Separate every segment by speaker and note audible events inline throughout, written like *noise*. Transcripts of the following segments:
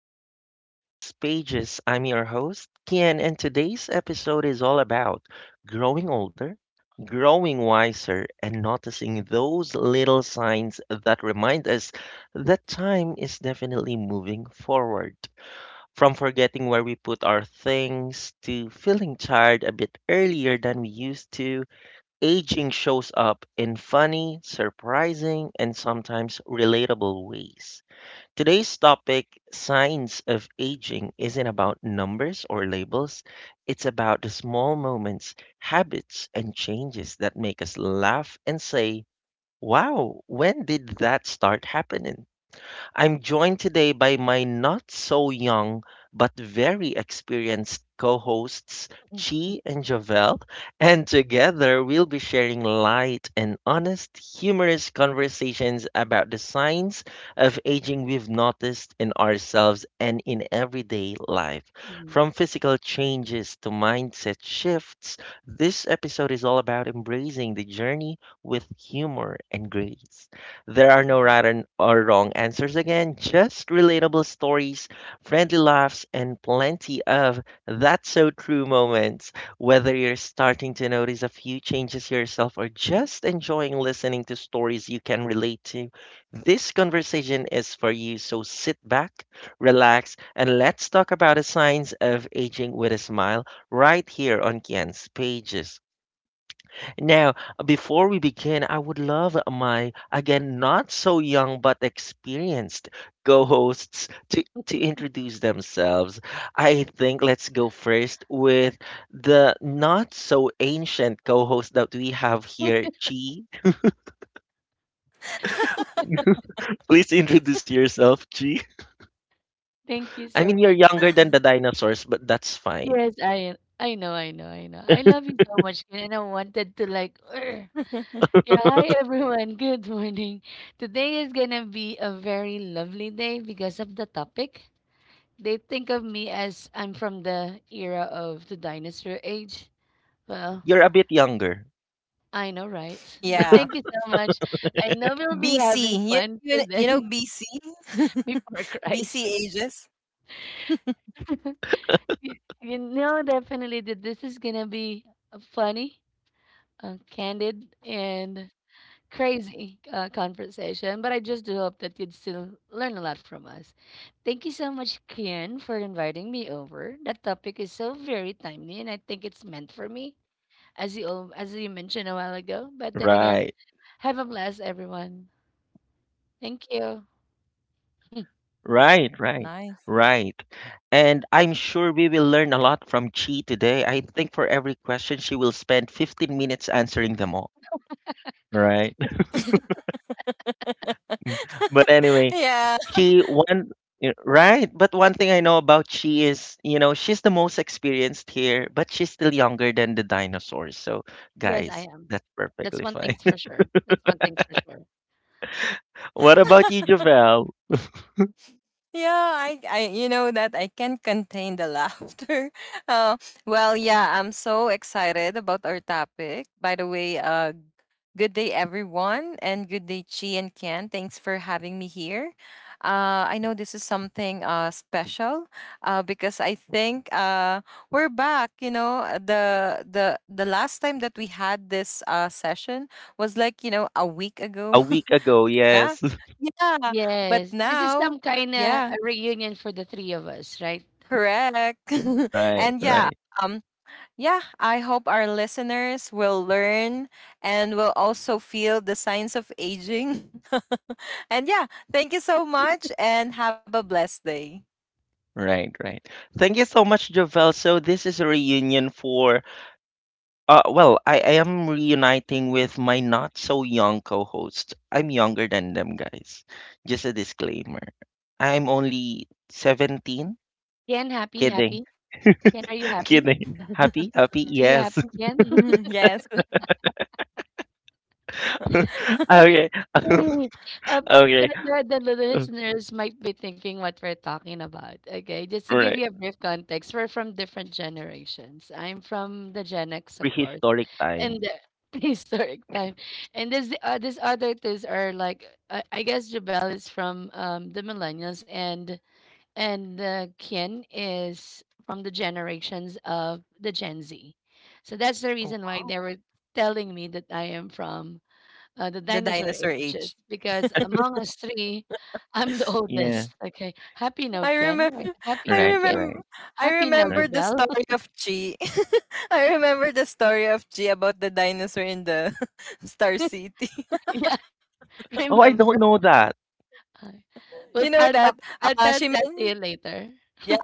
Speaker 1: back to Kian's Pages. I'm your host, Kian, and today's episode is all about growing older, growing wiser, and noticing those little signs that remind us that time is definitely moving forward. From forgetting where we put our things to feeling tired a bit earlier than we used to, aging shows up in funny, surprising, and sometimes relatable ways. Today's topic, Signs of Aging, isn't about numbers or labels. It's about the small moments, habits, and changes that make us laugh and say, Wow, when did that start happening? I'm joined today by my not so young but very experienced co hosts, Chi and Javel, and together we'll be sharing light and honest, humorous conversations about the signs of aging we've noticed in ourselves and in everyday life.
Speaker 2: Mhm,
Speaker 1: From physical changes to mindset shifts, this episode is all about embracing the journey with humor and grace. There are no
Speaker 2: mhm.
Speaker 1: right and or wrong answers again, just relatable stories, friendly laughs, and plenty of that's so true moments. Whether you're starting to notice a few changes yourself or just enjoying listening to stories you can relate to, this conversation is for you. So sit back, relax, and let's talk about the signs of aging with a smile right here on Kian's pages. Now, before we begin, I would love my, again, not so young but experienced co-hosts to introduce themselves. I think let's go first with the not so ancient co-host that we have here,
Speaker 2: *laughs*
Speaker 1: Chi. *laughs* Please introduce yourself, Chi.
Speaker 2: Thank you
Speaker 1: I
Speaker 2: so
Speaker 1: mean, you're
Speaker 2: much,
Speaker 1: younger than the
Speaker 2: Ken.
Speaker 1: dinosaurs, but that's fine.
Speaker 2: Yes, I know, I know, I know. I love you so much, Ken, and I wanted to like, *laughs* "Urgh." Yeah, hi, everyone. *laughs* Good morning. Today is gonna be a very lovely day because of the topic. They think of me as I'm from the era of the dinosaur age. Well,
Speaker 1: You're a bit younger.
Speaker 2: I know, right? But
Speaker 3: Yeah.
Speaker 2: thank you so much. I know we'll be
Speaker 3: BC.
Speaker 2: having
Speaker 3: You,
Speaker 2: fun
Speaker 3: you,
Speaker 2: today.
Speaker 3: you know
Speaker 2: *laughs*
Speaker 3: BC?
Speaker 2: Before Christ.
Speaker 3: BC *laughs* ages.
Speaker 2: *laughs* Definitely that this is gonna be a funny, candid, and crazy conversation, but I just do hope that you'd still learn a lot from us. Thank you so much, Kian, for inviting me over. That topic is so very timely, and I think it's meant for me, as you mentioned a while ago. But then again,
Speaker 1: Right.
Speaker 2: have a blast, everyone. Thank you.
Speaker 1: Right, right,
Speaker 3: Nice.
Speaker 1: right. And I'm sure we will learn a lot from Chi today. I think for every question, she will spend 15 minutes answering them all. Right. *laughs* But anyway,
Speaker 3: Yeah,
Speaker 1: Chi, one, right. But one thing I know about Chi is she's the most experienced here, but she's still younger than the dinosaurs. So,
Speaker 2: Yes, I
Speaker 1: guys,
Speaker 2: am.
Speaker 1: that's
Speaker 2: That's
Speaker 1: perfectly
Speaker 2: one
Speaker 1: fine.
Speaker 2: thing's for sure. That's one thing's for sure.
Speaker 1: *laughs* What about you, Javel?
Speaker 3: yeah, I you know that I can't contain the laughter. *laughs* Uh, well, yeah, I'm so excited about our topic. By the way, good day, everyone, and good day, Chi and Ken. Thanks for having me here. I know this is something special because I think we're back. The last time that we had this session was like a week ago.
Speaker 1: A week
Speaker 3: *laughs*
Speaker 1: ago,
Speaker 3: Nah,
Speaker 1: yes. *laughs*
Speaker 3: yeah, but
Speaker 2: Yes, this is some
Speaker 3: now,
Speaker 2: kind of a
Speaker 3: yeah,
Speaker 2: reunion for the three of us, right?
Speaker 3: correct. *laughs*
Speaker 1: Right,
Speaker 3: And yeah.
Speaker 1: right.
Speaker 3: um, yeah, I hope our listeners will learn and will also feel the signs of aging. *laughs* And yeah, thank you so much and have a blessed day.
Speaker 1: Right, right. Thank you so much, Jovel. So this is a reunion for, well, I am reuniting with my not so young co-host. I'm younger than them guys. Just a disclaimer. I'm only 17.
Speaker 2: Ken, happy,
Speaker 1: Kidding.
Speaker 2: happy.
Speaker 1: *laughs*
Speaker 2: Ken, are you happy?
Speaker 1: Kidding.
Speaker 3: *laughs*
Speaker 1: Happy? Happy?
Speaker 2: Are you happy,
Speaker 1: Yes. *laughs*
Speaker 2: Ken? *laughs*
Speaker 3: Yes.
Speaker 1: Okay.
Speaker 2: Hey,
Speaker 1: *laughs*
Speaker 2: uh,
Speaker 1: Okay.
Speaker 2: the, the listeners might be thinking what we're talking about. Okay, just to give
Speaker 1: Right.
Speaker 2: you a brief context, we're from different generations. I'm from the Gen X, of course,
Speaker 1: Prehistoric
Speaker 2: and
Speaker 1: times.
Speaker 2: the *laughs* prehistoric time. And this other two are like, I guess Jabel is from the millennials, and the kin is from the generations of the Gen Z. So that's the reason why they
Speaker 3: Wow.
Speaker 2: were telling me that I am from the
Speaker 3: The
Speaker 2: dinosaur
Speaker 3: dinosaur
Speaker 2: ages
Speaker 3: age.
Speaker 2: because among us three, I'm the *laughs*
Speaker 1: Yeah.
Speaker 2: oldest. Okay, happy now,
Speaker 3: I
Speaker 2: Ken,
Speaker 3: remember,
Speaker 2: right?
Speaker 3: *laughs*
Speaker 2: Happy
Speaker 3: I
Speaker 2: now,
Speaker 1: Right,
Speaker 2: Ken,
Speaker 3: remember,
Speaker 1: right,
Speaker 3: I
Speaker 2: happy now,
Speaker 3: remember
Speaker 1: right.
Speaker 3: the
Speaker 2: Dubel.
Speaker 3: story of Chi. *laughs* I remember the story of Chi about the dinosaur in the *laughs* Star City. *laughs*
Speaker 2: *laughs* Yeah,
Speaker 1: Oh, I
Speaker 2: remember.
Speaker 1: don't know that.
Speaker 2: Uh,
Speaker 3: You
Speaker 2: But
Speaker 3: know
Speaker 2: I'll
Speaker 3: that?
Speaker 2: talk. I'll tell
Speaker 3: She
Speaker 2: that to you
Speaker 3: meant,
Speaker 2: later.
Speaker 3: yeah,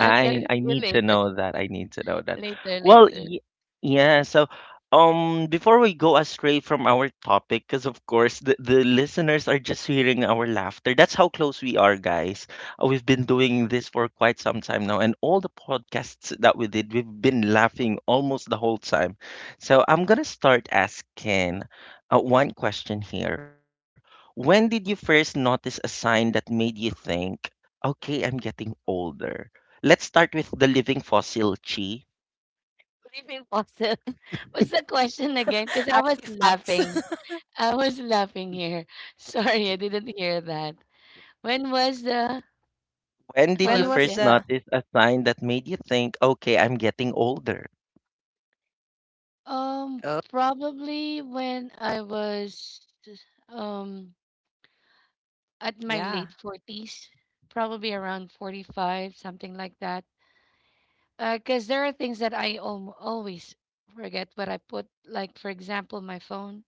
Speaker 2: I'll tell it
Speaker 1: I
Speaker 2: to you
Speaker 1: need to
Speaker 2: later,
Speaker 1: know that. I need to know
Speaker 2: *laughs*
Speaker 1: that.
Speaker 2: later,
Speaker 1: Well,
Speaker 2: later.
Speaker 1: yeah. So, before we go astray from our topic, because of course the listeners are just hearing our laughter. That's how close we are, guys. We've been doing this for quite some time now, and all the podcasts that we did, we've been laughing almost the whole time. So I'm gonna start asking, one question here. When did you first notice a sign that made you think, okay, I'm getting older? Let's start with the living fossil, Chi.
Speaker 2: Believe fossil. *laughs* What's the question again? Because
Speaker 3: *laughs*
Speaker 2: I was
Speaker 3: artifacts.
Speaker 2: laughing.
Speaker 3: *laughs*
Speaker 2: I was laughing here. *laughs* Sorry, I didn't hear that. When was the
Speaker 1: When did you
Speaker 3: when
Speaker 2: hello
Speaker 3: was
Speaker 1: first
Speaker 2: kid?
Speaker 3: the
Speaker 1: notice a sign that made you think, okay, I'm getting older?
Speaker 2: Um,
Speaker 3: Oh,
Speaker 2: Probably when I was um at my late
Speaker 3: yeah.
Speaker 2: forties, probably around 45, something like that. Because there are things that I always forget what I put. Like for example, my phone.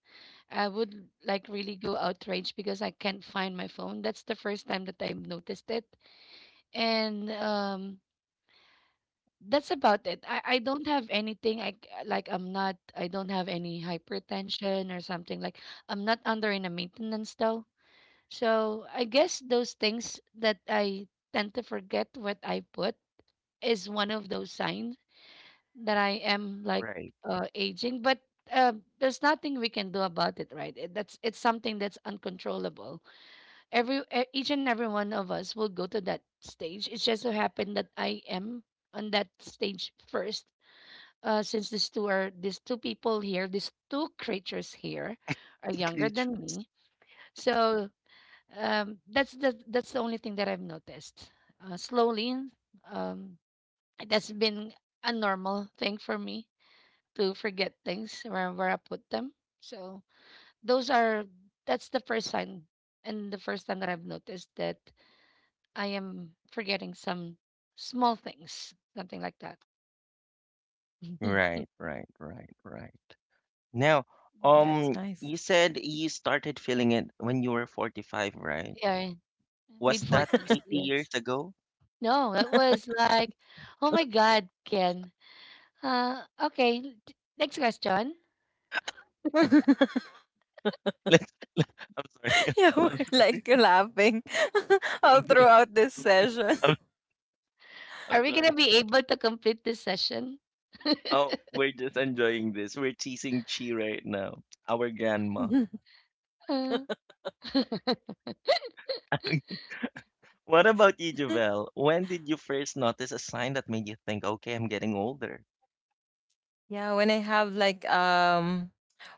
Speaker 2: I would like really go outraged because I can't find my phone. That's the first time that I've noticed it, and that's about it. I don't have anything. Like, I'm not, I don't have any hypertension or something. Like, I'm not under in a maintenance though. So I guess those things that I tend to forget what I put is one of those signs that I am like
Speaker 1: Right.
Speaker 2: aging. But uh, there's nothing we can do about it, right? It's something that's uncontrollable. Every each and every one of us will go to that stage. It just so happened that I am on that stage first, since these two people here, these two creatures here, are younger
Speaker 1: Include.
Speaker 2: than me. So that's the only thing that I've noticed. Slowly, um, that's been a normal thing for me to forget things where I put them. So those are that's the first sign and the first time that I've noticed that I am forgetting some small things, something like that. *laughs*
Speaker 1: Right, right, right, right. Now,
Speaker 3: That's
Speaker 1: um,
Speaker 3: nice.
Speaker 1: you said you started feeling it when you were 45, right?
Speaker 2: Yeah, mid
Speaker 1: Was that
Speaker 2: forties.
Speaker 1: 80
Speaker 2: Yes.
Speaker 1: years ago?
Speaker 2: No, that was like, oh my God, Ken. Okay, next question.
Speaker 3: *laughs* Yeah,
Speaker 1: *laughs* Let's, I'm sorry. *laughs*
Speaker 3: we're
Speaker 1: I'm sorry.
Speaker 3: like laughing *laughs* all
Speaker 1: I'm sorry.
Speaker 3: throughout this session.
Speaker 1: I'm,
Speaker 2: Are
Speaker 1: I'm
Speaker 2: we gonna
Speaker 1: sorry.
Speaker 2: be able to complete this session?
Speaker 1: Oh, we're just enjoying this. We're teasing Chi right now, our grandma.
Speaker 2: Uh,
Speaker 1: *laughs* What about you,
Speaker 3: *laughs*
Speaker 1: Javel? When did you first notice a sign that made you think, okay, I'm getting older?
Speaker 3: Yeah, when I have like,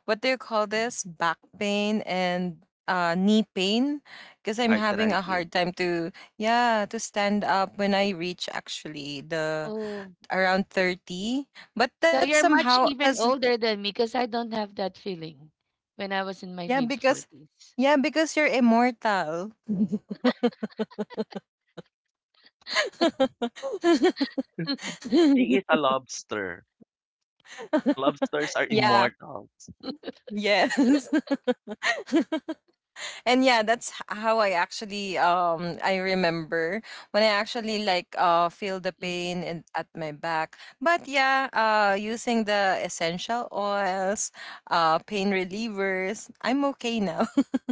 Speaker 3: what do you call this? Back pain and knee pain because I'm having a
Speaker 1: Arthritis.
Speaker 3: hard time to, yeah, to stand up when I reach actually the
Speaker 2: oh,
Speaker 3: around 30. But
Speaker 2: so
Speaker 3: that's
Speaker 2: you're much
Speaker 3: somehow
Speaker 2: even
Speaker 3: as,
Speaker 2: older than me because I don't have that feeling when I was in my
Speaker 3: yeah,
Speaker 2: mid
Speaker 3: because,
Speaker 2: forties.
Speaker 3: yeah, because you're immortal.
Speaker 1: She is a lobster. Lobsters
Speaker 3: *laughs*
Speaker 1: are
Speaker 3: Yeah.
Speaker 1: immortals.
Speaker 3: Yes. *laughs* And yeah, that's how I actually, I remember when I actually like feel the pain in, at my back. But yeah, using the essential oils, pain relievers, I'm okay now. *laughs*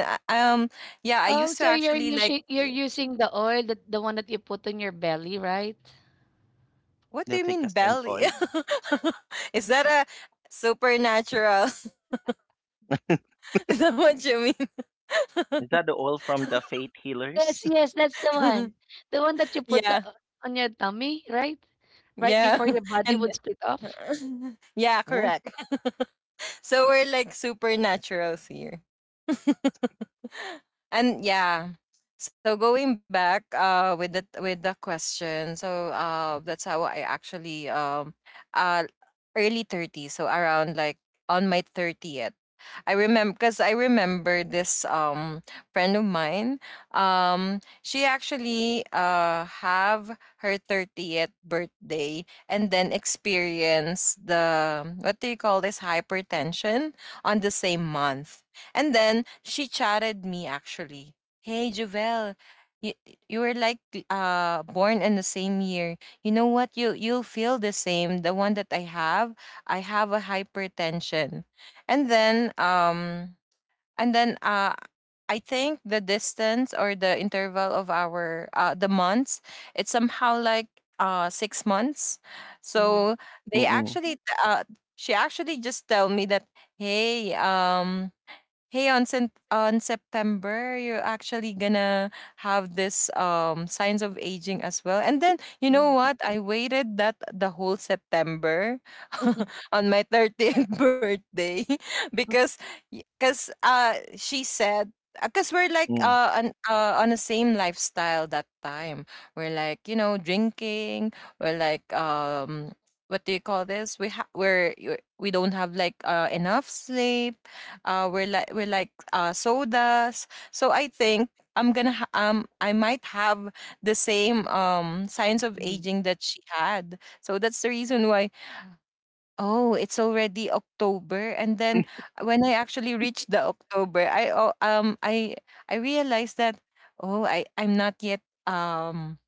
Speaker 3: Uh, um yeah, I
Speaker 2: Oh,
Speaker 3: used
Speaker 2: so
Speaker 3: to actually like
Speaker 2: you're
Speaker 3: y-
Speaker 2: using the oil, that the one that you put on your belly, right?
Speaker 3: What do
Speaker 1: The
Speaker 3: you mean
Speaker 1: thickest and
Speaker 3: belly?
Speaker 1: oil.
Speaker 3: *laughs* Is that a supernatural? *laughs* Is that what you
Speaker 1: Is that the oil from the faith healers?
Speaker 2: Yes, yes,
Speaker 1: *laughs*
Speaker 2: that's the one.
Speaker 3: mean?
Speaker 2: The one that you
Speaker 3: *laughs*
Speaker 2: put
Speaker 3: Yeah.
Speaker 2: on your tummy, right? Right
Speaker 3: Yeah.
Speaker 2: before your
Speaker 3: *laughs*
Speaker 2: body
Speaker 3: And
Speaker 2: would split off.
Speaker 3: *laughs* yeah,
Speaker 1: What?
Speaker 3: correct. So we're like supernaturals here. *laughs* And yeah, so going back, with the question, so that's how I actually, uh early 30, so around like on my 30th. I remember because I remember this, friend of mine, she actually, have her 30th birthday and then experience the, what do you call this, hypertension on the same month. And then she chatted me, actually. Hey, Javel, you, you were like, born in the same year. You know what? You'll feel the same. The one that I have a hypertension. And then um and then I think the distance or the interval of our, the months, it's somehow like, 6 months.
Speaker 2: Mhm,
Speaker 3: So they
Speaker 1: Mm-mm.
Speaker 3: actually, uh she actually just tell me that, hey, hey, on on September, you're actually gonna have this, signs of aging as well. And then, you
Speaker 2: mhm,
Speaker 3: know what? I waited that the whole September *laughs* on my 30th birthday *laughs* because, she said, because we're like,
Speaker 1: Mm.
Speaker 3: on the same lifestyle that time. We're like, drinking. We're like, what do you call this? We ha- we're We don't have like, enough sleep. We're like, sodas. So I think, I might have the same, signs of
Speaker 2: mhm.
Speaker 3: aging that she had. So that's the reason why. Oh, it's already October, and then when I actually reached the October, I realized that, oh, I'm not yet, um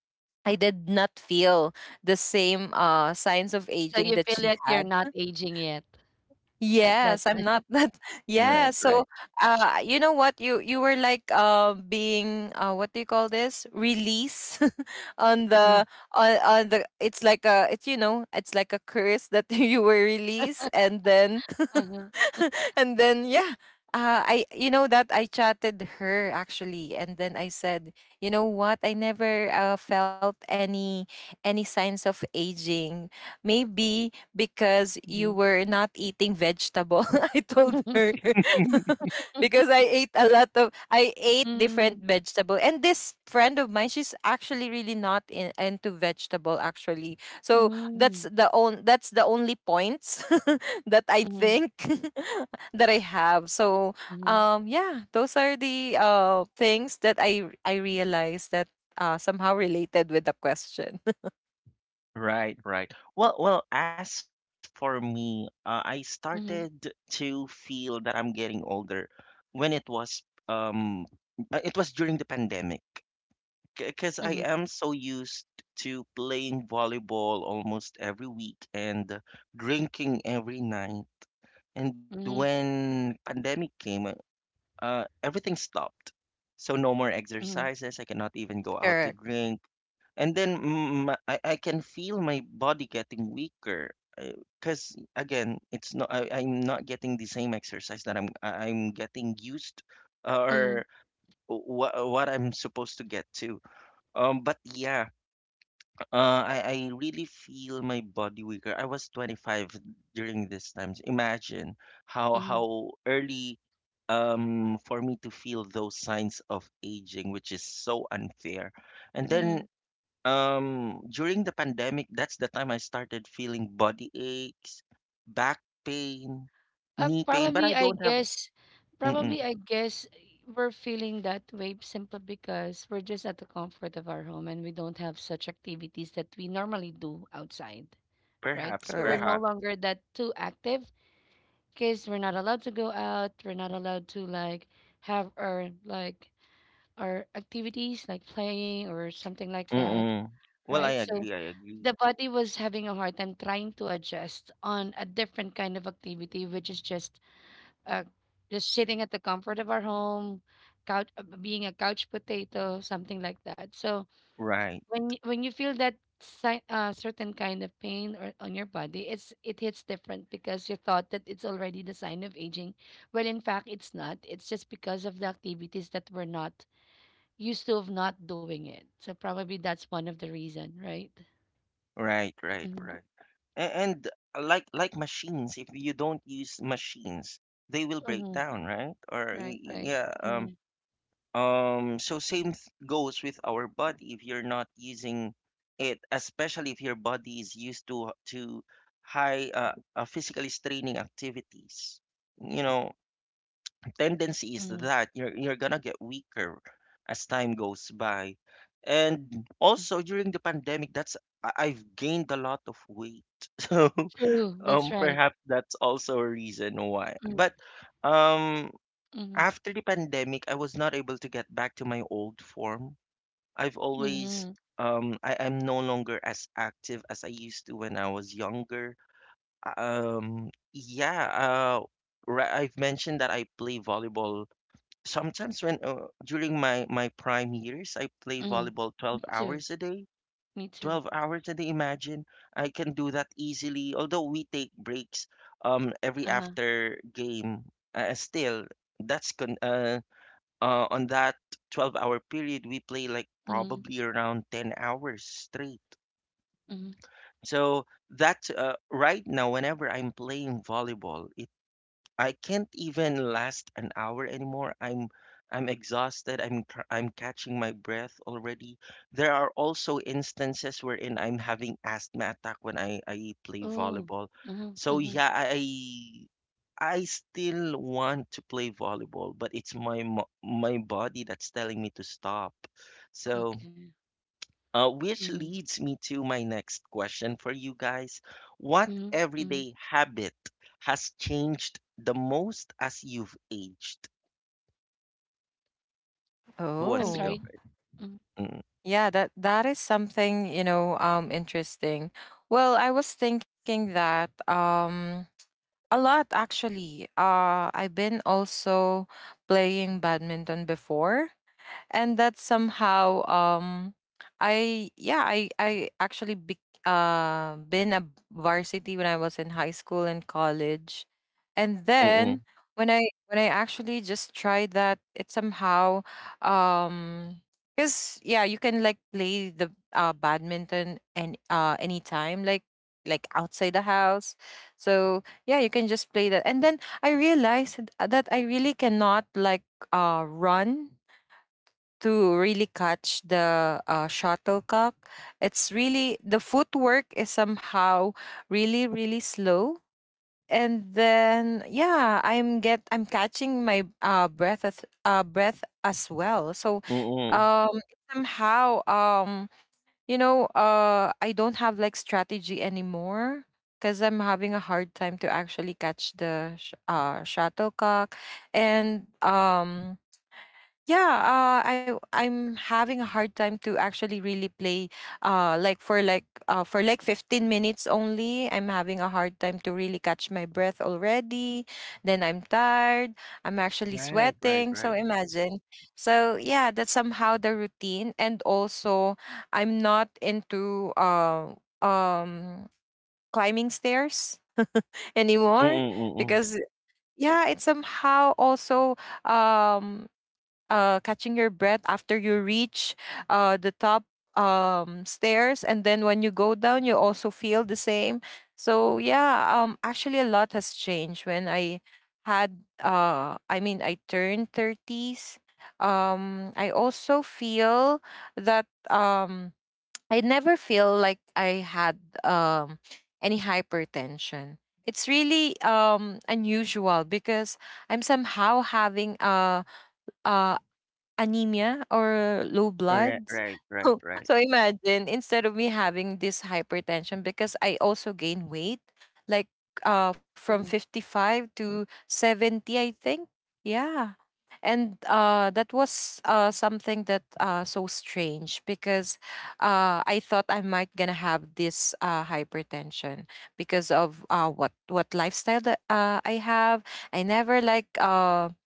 Speaker 3: I did not feel the same, signs of
Speaker 2: So
Speaker 3: aging
Speaker 2: you
Speaker 3: that
Speaker 2: feel
Speaker 3: she
Speaker 2: like you're
Speaker 3: had.
Speaker 2: not aging yet at that
Speaker 3: Yes, I'm
Speaker 2: time.
Speaker 3: not that. *laughs* Yeah,
Speaker 1: Right,
Speaker 3: so,
Speaker 1: right.
Speaker 3: you know what? You were like, being, what do you call this? Release *laughs* on
Speaker 2: Mhm.
Speaker 3: the, on the. It's like a, it's, it's like a curse that *laughs* you were released, and then
Speaker 2: Uh-huh.
Speaker 3: *laughs* and then, yeah. I, you know that I chatted her actually, and then I said, you know what, I never, felt any signs of aging, maybe because you
Speaker 2: Mhm.
Speaker 3: were not eating vegetable. *laughs* I told her. *laughs* Because I ate a lot of, I ate different
Speaker 2: Mm.
Speaker 3: vegetable. And this friend of mine, she's actually really not into vegetable actually. So
Speaker 2: Mm.
Speaker 3: that's the only points *laughs* that I
Speaker 2: Mhm.
Speaker 3: think *laughs* that I have. So,
Speaker 2: Mhm.
Speaker 3: yeah, those are the, things that I realized that, somehow related with the question.
Speaker 1: Right, right. Well, as for me, I started
Speaker 2: Mhm.
Speaker 1: to feel that I'm getting older when it um was during the pandemic. Because I
Speaker 2: Mhm.
Speaker 1: am so used to playing volleyball almost every week and drinking every night. And
Speaker 2: Mhm.
Speaker 1: when pandemic came, everything stopped. So no more
Speaker 2: Mhm.
Speaker 1: exercises. I cannot even go out to
Speaker 3: Correct,
Speaker 1: drink. And then I can feel my body getting weaker. Because again, it's not, I'm not getting the same exercise that I'm getting used or
Speaker 2: Mhm.
Speaker 1: what I'm supposed to get to. But yeah, I really feel my body weaker. I was 25 during this time. Imagine how
Speaker 2: Mhm.
Speaker 1: how early for me to feel those signs of aging, which is so unfair. And then
Speaker 2: Mhm.
Speaker 1: during the pandemic, that's the time I started feeling body aches, back pain,
Speaker 2: Uh,
Speaker 1: knee pain, but I
Speaker 2: probably, I
Speaker 1: don't have.
Speaker 2: guess,
Speaker 1: mm-mm,
Speaker 2: probably, I guess, we're feeling that way simply because we're just at the comfort of our home and we don't have such activities that we normally do outside, right?
Speaker 1: perhaps,
Speaker 2: We're no
Speaker 3: correct.
Speaker 1: perhaps.
Speaker 2: longer that too active kids, we're not allowed to go out, we're not allowed to, like, have our, like, our activities, like, playing or something like that,
Speaker 1: Mm-mm. Well, I
Speaker 2: right? So
Speaker 1: agree, I agree.
Speaker 2: the body was having a hard time trying to adjust on a different kind of activity, which is uh, just sitting at the comfort of our home couch, being a couch potato, something like that. So
Speaker 1: Right,
Speaker 2: when when you feel that certain kind of pain or on your body, it hits different because you thought that it's already the sign of aging. Well, in fact, it's not. It's just because of the activities that we're not used to of not doing it. So probably that's one of the reason, right?
Speaker 1: right, right,
Speaker 2: Mhm.
Speaker 1: right. And like machines, if you don't use machines, they will break
Speaker 2: Mhm.
Speaker 1: down, right? Or
Speaker 2: Right, right.
Speaker 1: yeah,
Speaker 2: Mhm.
Speaker 1: So same goes with our body. If you're not using it, especially if your body is used to high physically straining activities, you know, tendency is
Speaker 2: Mhm.
Speaker 1: that you're gonna get weaker as time goes by. And also during the pandemic, I've gained a lot of weight. *laughs*
Speaker 2: True. That's right.
Speaker 1: Perhaps that's also a reason why.
Speaker 2: Mhm.
Speaker 1: But um
Speaker 2: Mhm.
Speaker 1: after the pandemic, I was not able to get back to my old form. I've always
Speaker 2: Mhm.
Speaker 1: I'm no longer as active as I used to when I was younger. Yeah, I've mentioned that I play volleyball sometimes when, during my prime years I play
Speaker 2: Mhm.
Speaker 1: volleyball
Speaker 2: Me
Speaker 1: 12
Speaker 2: too,
Speaker 1: hours a day.
Speaker 2: me too.
Speaker 1: 12 hours a day. Imagine, I can do that easily. Although we take breaks every
Speaker 2: Uh-huh.
Speaker 1: after game, still that's con- uh, on that 12-hour period we play like
Speaker 2: Mhm.
Speaker 1: probably around 10 hours straight.
Speaker 2: Mhm.
Speaker 1: So that right now whenever I'm playing volleyball, I can't even last an hour anymore. I'm exhausted. I'm catching my breath already. There are also instances wherein I'm having asthma attack when I play
Speaker 2: Oh.
Speaker 1: volleyball.
Speaker 2: Mhm.
Speaker 1: So
Speaker 2: Mhm.
Speaker 1: yeah, I still want to play volleyball, but it's my body that's telling me to stop. So,
Speaker 2: Okay.
Speaker 1: which
Speaker 2: Mm-hmm.
Speaker 1: leads me to my next question for you guys.
Speaker 2: Mhm,
Speaker 1: What
Speaker 2: mhm.
Speaker 1: everyday habit has changed the most as you've aged? Who
Speaker 2: I'm
Speaker 1: wants to
Speaker 2: sorry.
Speaker 3: Oh,
Speaker 1: go first?
Speaker 2: Mhm,
Speaker 1: Mm,
Speaker 3: yeah, that is something, you know, interesting. Well, I was thinking that, a lot actually. I've been also playing badminton before, and that somehow, I yeah I actually be, been a varsity when I was in high school and college, and then
Speaker 1: mm,
Speaker 3: when i when I actually just tried that, it somehow, um because, yeah, you can like play the, badminton, and, anytime, like outside the house. So yeah, you can just play that, and then I realized that I really cannot, like, run to really catch the, shuttlecock. It's really the footwork is somehow really, really slow. And then, yeah, I'm catching my, breath as well. So,
Speaker 1: mm, mm.
Speaker 3: um somehow, I don't have like strategy anymore, because I'm having a hard time to actually catch the, shuttlecock, and, yeah, uh, I I'm having a hard time to actually really play, for like 15 minutes only. I'm having a hard time to really catch my breath already. Then I'm tired. I'm actually
Speaker 1: Right,
Speaker 3: sweating.
Speaker 1: right,
Speaker 3: So
Speaker 1: right.
Speaker 3: imagine. So yeah, that's somehow the routine. And also, I'm not into, climbing stairs *laughs*
Speaker 1: Mm,
Speaker 3: anymore,
Speaker 1: mm, mm, mm.
Speaker 3: because, yeah, it's somehow also, um catching your breath after you reach, the top, stairs. And then when you go down, you also feel the same. So, yeah, actually, a lot has changed when I had, I mean, I turned 30s. I also feel that, I never feel like I had, any hypertension. It's really, unusual because I'm somehow having a anemia or low bloods.
Speaker 1: Right,
Speaker 3: *laughs*
Speaker 1: right,
Speaker 3: So,
Speaker 1: right, right.
Speaker 3: imagine, instead of me having this hypertension, because I also gain weight, like, from
Speaker 2: mhm,
Speaker 3: 55 to 70 I think. Yeah. And, that was, something that, so strange, because, I thought I might gonna have this, hypertension, because of, what lifestyle that, I have. I never, like, um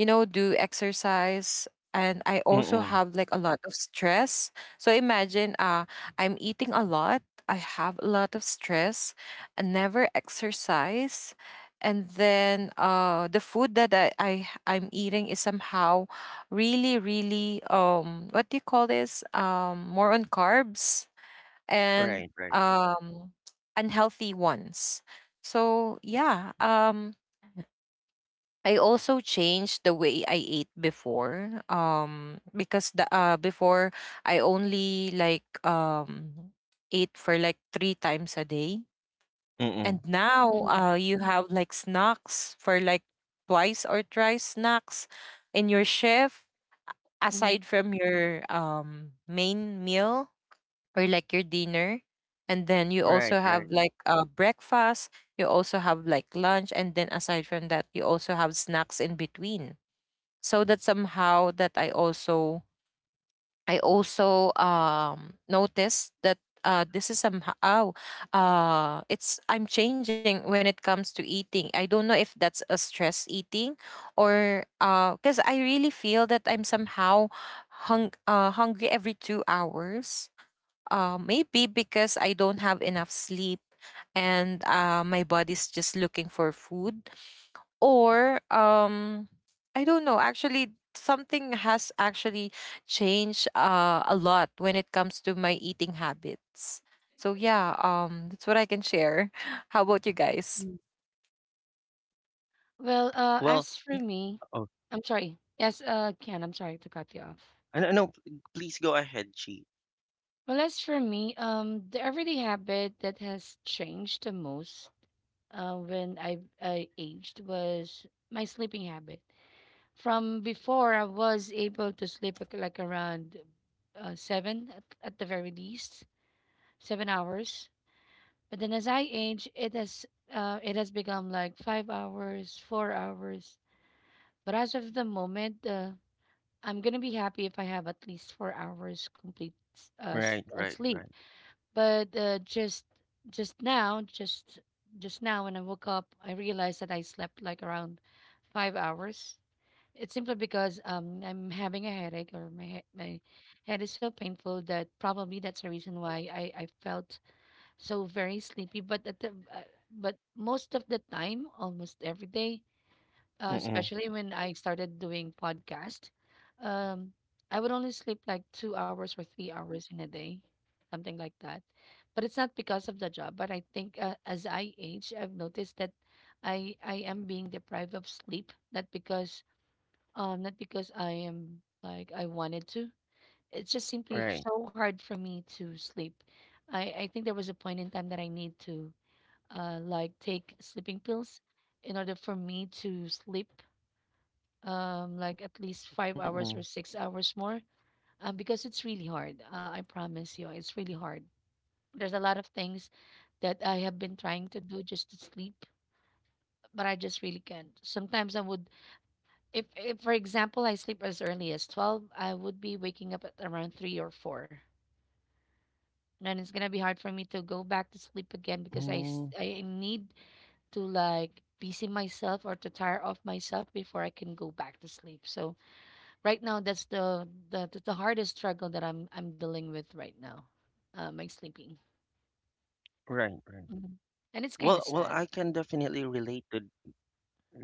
Speaker 3: you know, do exercise. And I also
Speaker 1: Mm,
Speaker 3: have like
Speaker 1: mm.
Speaker 3: a lot of stress. So imagine, I'm eating a lot, I have a lot of stress, I never exercise. And then, the food that, I'm eating is somehow really, really, what do you call this? More on carbs, and,
Speaker 1: Right, right.
Speaker 3: unhealthy ones. So yeah, I also changed the way I ate before. Because, the before, I only like, ate for like three times a day,
Speaker 1: Mm,
Speaker 3: and
Speaker 1: mm.
Speaker 3: now,
Speaker 2: mhm,
Speaker 3: you have like snacks for like twice or thrice snacks in your shift,
Speaker 2: mhm,
Speaker 3: aside from your, main meal, or like your dinner, and then you also have
Speaker 1: Right,
Speaker 3: like,
Speaker 1: right.
Speaker 3: breakfast. You also have like lunch, and then aside from that, you also have snacks in between, so that somehow, that I also noticed that, this is somehow, oh, it's I'm changing when it comes to eating. I don't know if that's a stress eating, or, because I really feel that I'm somehow, hungry every 2 hours. Maybe because I don't have enough sleep, and, my body's just looking for food, or, I don't know. Actually, something has actually changed, a lot, when it comes to my eating habits. So yeah, that's what I can share. *laughs* How about you guys?
Speaker 2: mhm. Well, as
Speaker 1: Well,
Speaker 2: for
Speaker 3: Yeah.
Speaker 2: me,
Speaker 1: oh,
Speaker 2: I'm sorry. Yes, Ken, I'm sorry to cut you off.
Speaker 1: I don't know. Please go ahead, Chi.
Speaker 2: Well, as for me, the everyday habit that has changed the most, when I aged was my sleeping habit. From before, I was able to sleep like around, seven at the very least, 7 hours. But then as I age, it has become like 5 hours, 4 hours. But as of the moment, I'm gonna be happy if I have at least 4 hours complete,
Speaker 1: Right,
Speaker 2: sleep.
Speaker 1: right, right.
Speaker 2: But just now, just now when I woke up, I realized that I slept like around 5 hours. It's simply because I'm having a headache, or my my head is so painful that probably that's the reason why I felt so very sleepy, but at the but most of the time, almost every day,
Speaker 1: Mm,
Speaker 2: especially when
Speaker 1: mm.
Speaker 2: I started doing podcast, um I would only sleep like 2 hours or 3 hours in a day, something like that. But it's not because of the job, but I think, as I age, I've noticed that I am being deprived of sleep, not because I am like I wanted to. It's just simply so hard
Speaker 1: Right.
Speaker 2: for me to sleep. I think there was a point in time that I need to, like, take sleeping pills in order for me to sleep like at
Speaker 1: Mm,
Speaker 2: least five
Speaker 1: mm.
Speaker 2: hours or 6 hours more, because it's really hard. I promise you it's really hard. There's a lot of things that I have been trying to do just to sleep, but I just really can't. Sometimes I would, if for example I sleep as early as 12, I would be waking up at around 3 or 4, and then it's gonna be hard for me to go back to sleep again
Speaker 1: Mm.
Speaker 2: because I need to like busy myself or to tire off myself before I can go back to sleep. So right now that's the hardest struggle that I'm dealing with right now. My sleeping.
Speaker 1: Right, right.
Speaker 2: Mhm. And it's kind
Speaker 1: Well,
Speaker 2: of
Speaker 1: well, I
Speaker 2: sad.
Speaker 1: can definitely relate to,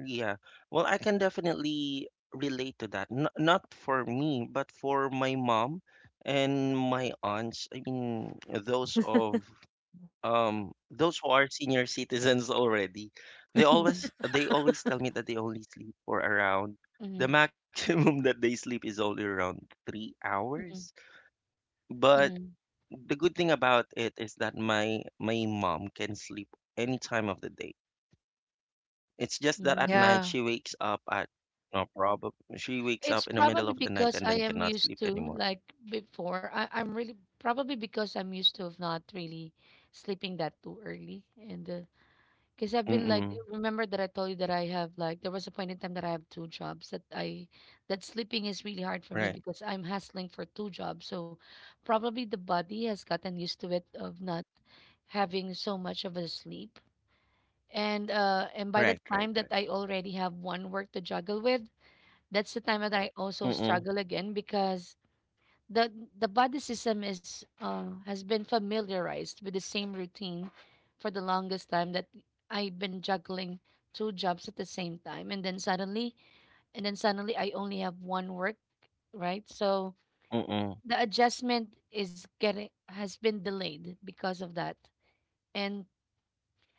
Speaker 1: yeah. Well, I can definitely relate to that. N not for me, but for my mom and my aunts. I mean, those who are senior citizens already. They
Speaker 2: Mhm,
Speaker 1: always they always tell me that they only sleep for around,
Speaker 2: mhm,
Speaker 1: the maximum *laughs* that they sleep is only around 3 hours.
Speaker 2: mhm,
Speaker 1: But
Speaker 2: mhm,
Speaker 1: the good thing about it is that my mom can sleep any time of the day. It's just that at
Speaker 2: mhm.
Speaker 1: night she
Speaker 3: Yeah.
Speaker 1: wakes up at no problem. She wakes
Speaker 2: It's
Speaker 1: up in the
Speaker 2: probably
Speaker 1: middle of the night
Speaker 2: because I
Speaker 1: and then
Speaker 2: am
Speaker 1: cannot
Speaker 2: used to
Speaker 1: sleep anymore.
Speaker 2: like before. I'm really probably because I'm used to of not really sleeping that too early, and because I've been like,
Speaker 1: Mm-mm.
Speaker 2: remember that I told you that I have like, there was a point in time that I have two jobs that that sleeping is really hard for me
Speaker 1: Right.
Speaker 2: because I'm hustling for two jobs. So probably the body has gotten used to it of not having so much of a sleep. And by the
Speaker 1: Right.
Speaker 2: time
Speaker 1: Right.
Speaker 2: that
Speaker 1: Right.
Speaker 2: I already have one work to juggle with, that's the time that I also struggle
Speaker 1: Mm-mm.
Speaker 2: again because the the body system is has been familiarized with the same routine for the longest time that I've been juggling two jobs at the same time, and then suddenly I only have one work, right? So the
Speaker 1: Mm-mm.
Speaker 2: adjustment is getting has been delayed because of that, and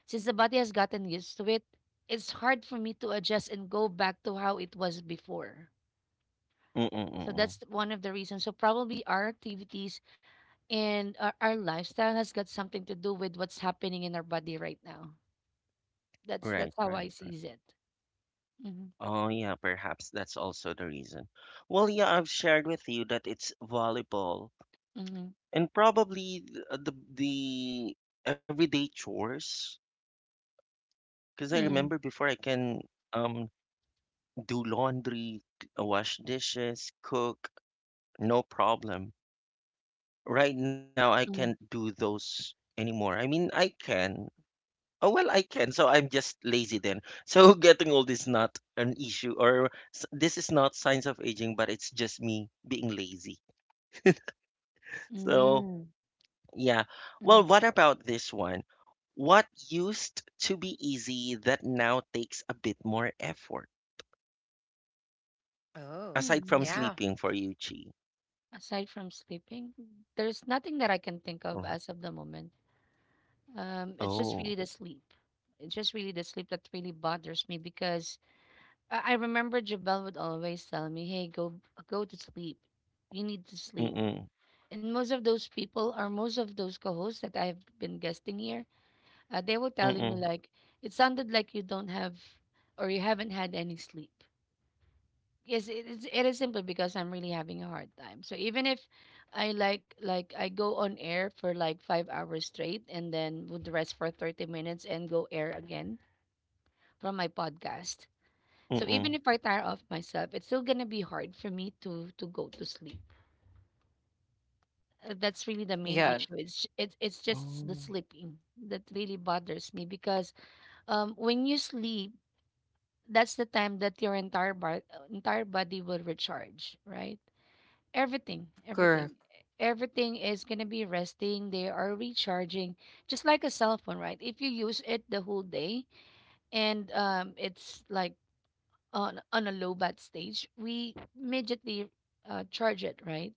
Speaker 2: since the body has gotten used to it, it's hard for me to adjust and go back to how it was before. So
Speaker 1: Mm-mm.
Speaker 2: that's one of
Speaker 1: Mm-mm.
Speaker 2: the reasons. So probably our activities and our lifestyle has got something to do with what's happening in our body right now. That's how I
Speaker 1: Right.
Speaker 2: sees
Speaker 1: Right.
Speaker 2: it.
Speaker 1: Right.
Speaker 2: Mm-hmm.
Speaker 1: Oh yeah, perhaps that's also the reason. Well, yeah, I've shared with you that it's volleyball
Speaker 2: Mm-hmm.
Speaker 1: and probably the everyday chores. Because I
Speaker 2: Mm-hmm.
Speaker 1: remember before I can um do laundry, wash dishes, cook, no problem. Right now, I can't
Speaker 2: Mm-hmm.
Speaker 1: do those anymore. I mean, I can. Oh, well, I can. So I'm just lazy then. So *laughs* getting old is not an issue, or this is not signs of aging, but it's just me being lazy. So,
Speaker 2: Mm-hmm.
Speaker 1: yeah. Well,
Speaker 2: Mm-hmm.
Speaker 1: what about this one? What used to be easy that now takes a bit more effort?
Speaker 3: Oh,
Speaker 1: Aside
Speaker 2: Mm-hmm.
Speaker 1: from
Speaker 3: yeah.
Speaker 1: sleeping for you, Chi.
Speaker 2: Aside from sleeping, there's nothing that I can think of as
Speaker 1: Or,
Speaker 2: of the moment. It's just really the
Speaker 1: oh,
Speaker 2: sleep. It's just really the sleep that really bothers me because I remember Jabel would always tell me, "Hey, go to sleep. You need to sleep."
Speaker 1: mm-mm,
Speaker 2: And most of those people, or most of those co-hosts that I've been guesting here, they were telling me
Speaker 1: mm-mm,
Speaker 2: like it sounded like you don't have or you haven't had any sleep. Yes, it is. It is simply because I'm really having a hard time. So even if I like I go on air for like 5 hours straight and then would rest for 30 minutes and go air again from my podcast. So even if I
Speaker 1: mm-mm.
Speaker 2: tire off myself, it's still gonna be hard for me to go to sleep. That's really the main
Speaker 3: Yeah.
Speaker 2: issue. It's j- it's just the
Speaker 1: Oh,
Speaker 2: sleeping that really bothers me because when you sleep, that's the time that your entire body will recharge, right? Everything, everything,
Speaker 3: Correct.
Speaker 2: everything is gonna be resting. They are recharging, just like a cell phone, right? If you use it the whole day and it's like on a low bat stage, we immediately charge it, right?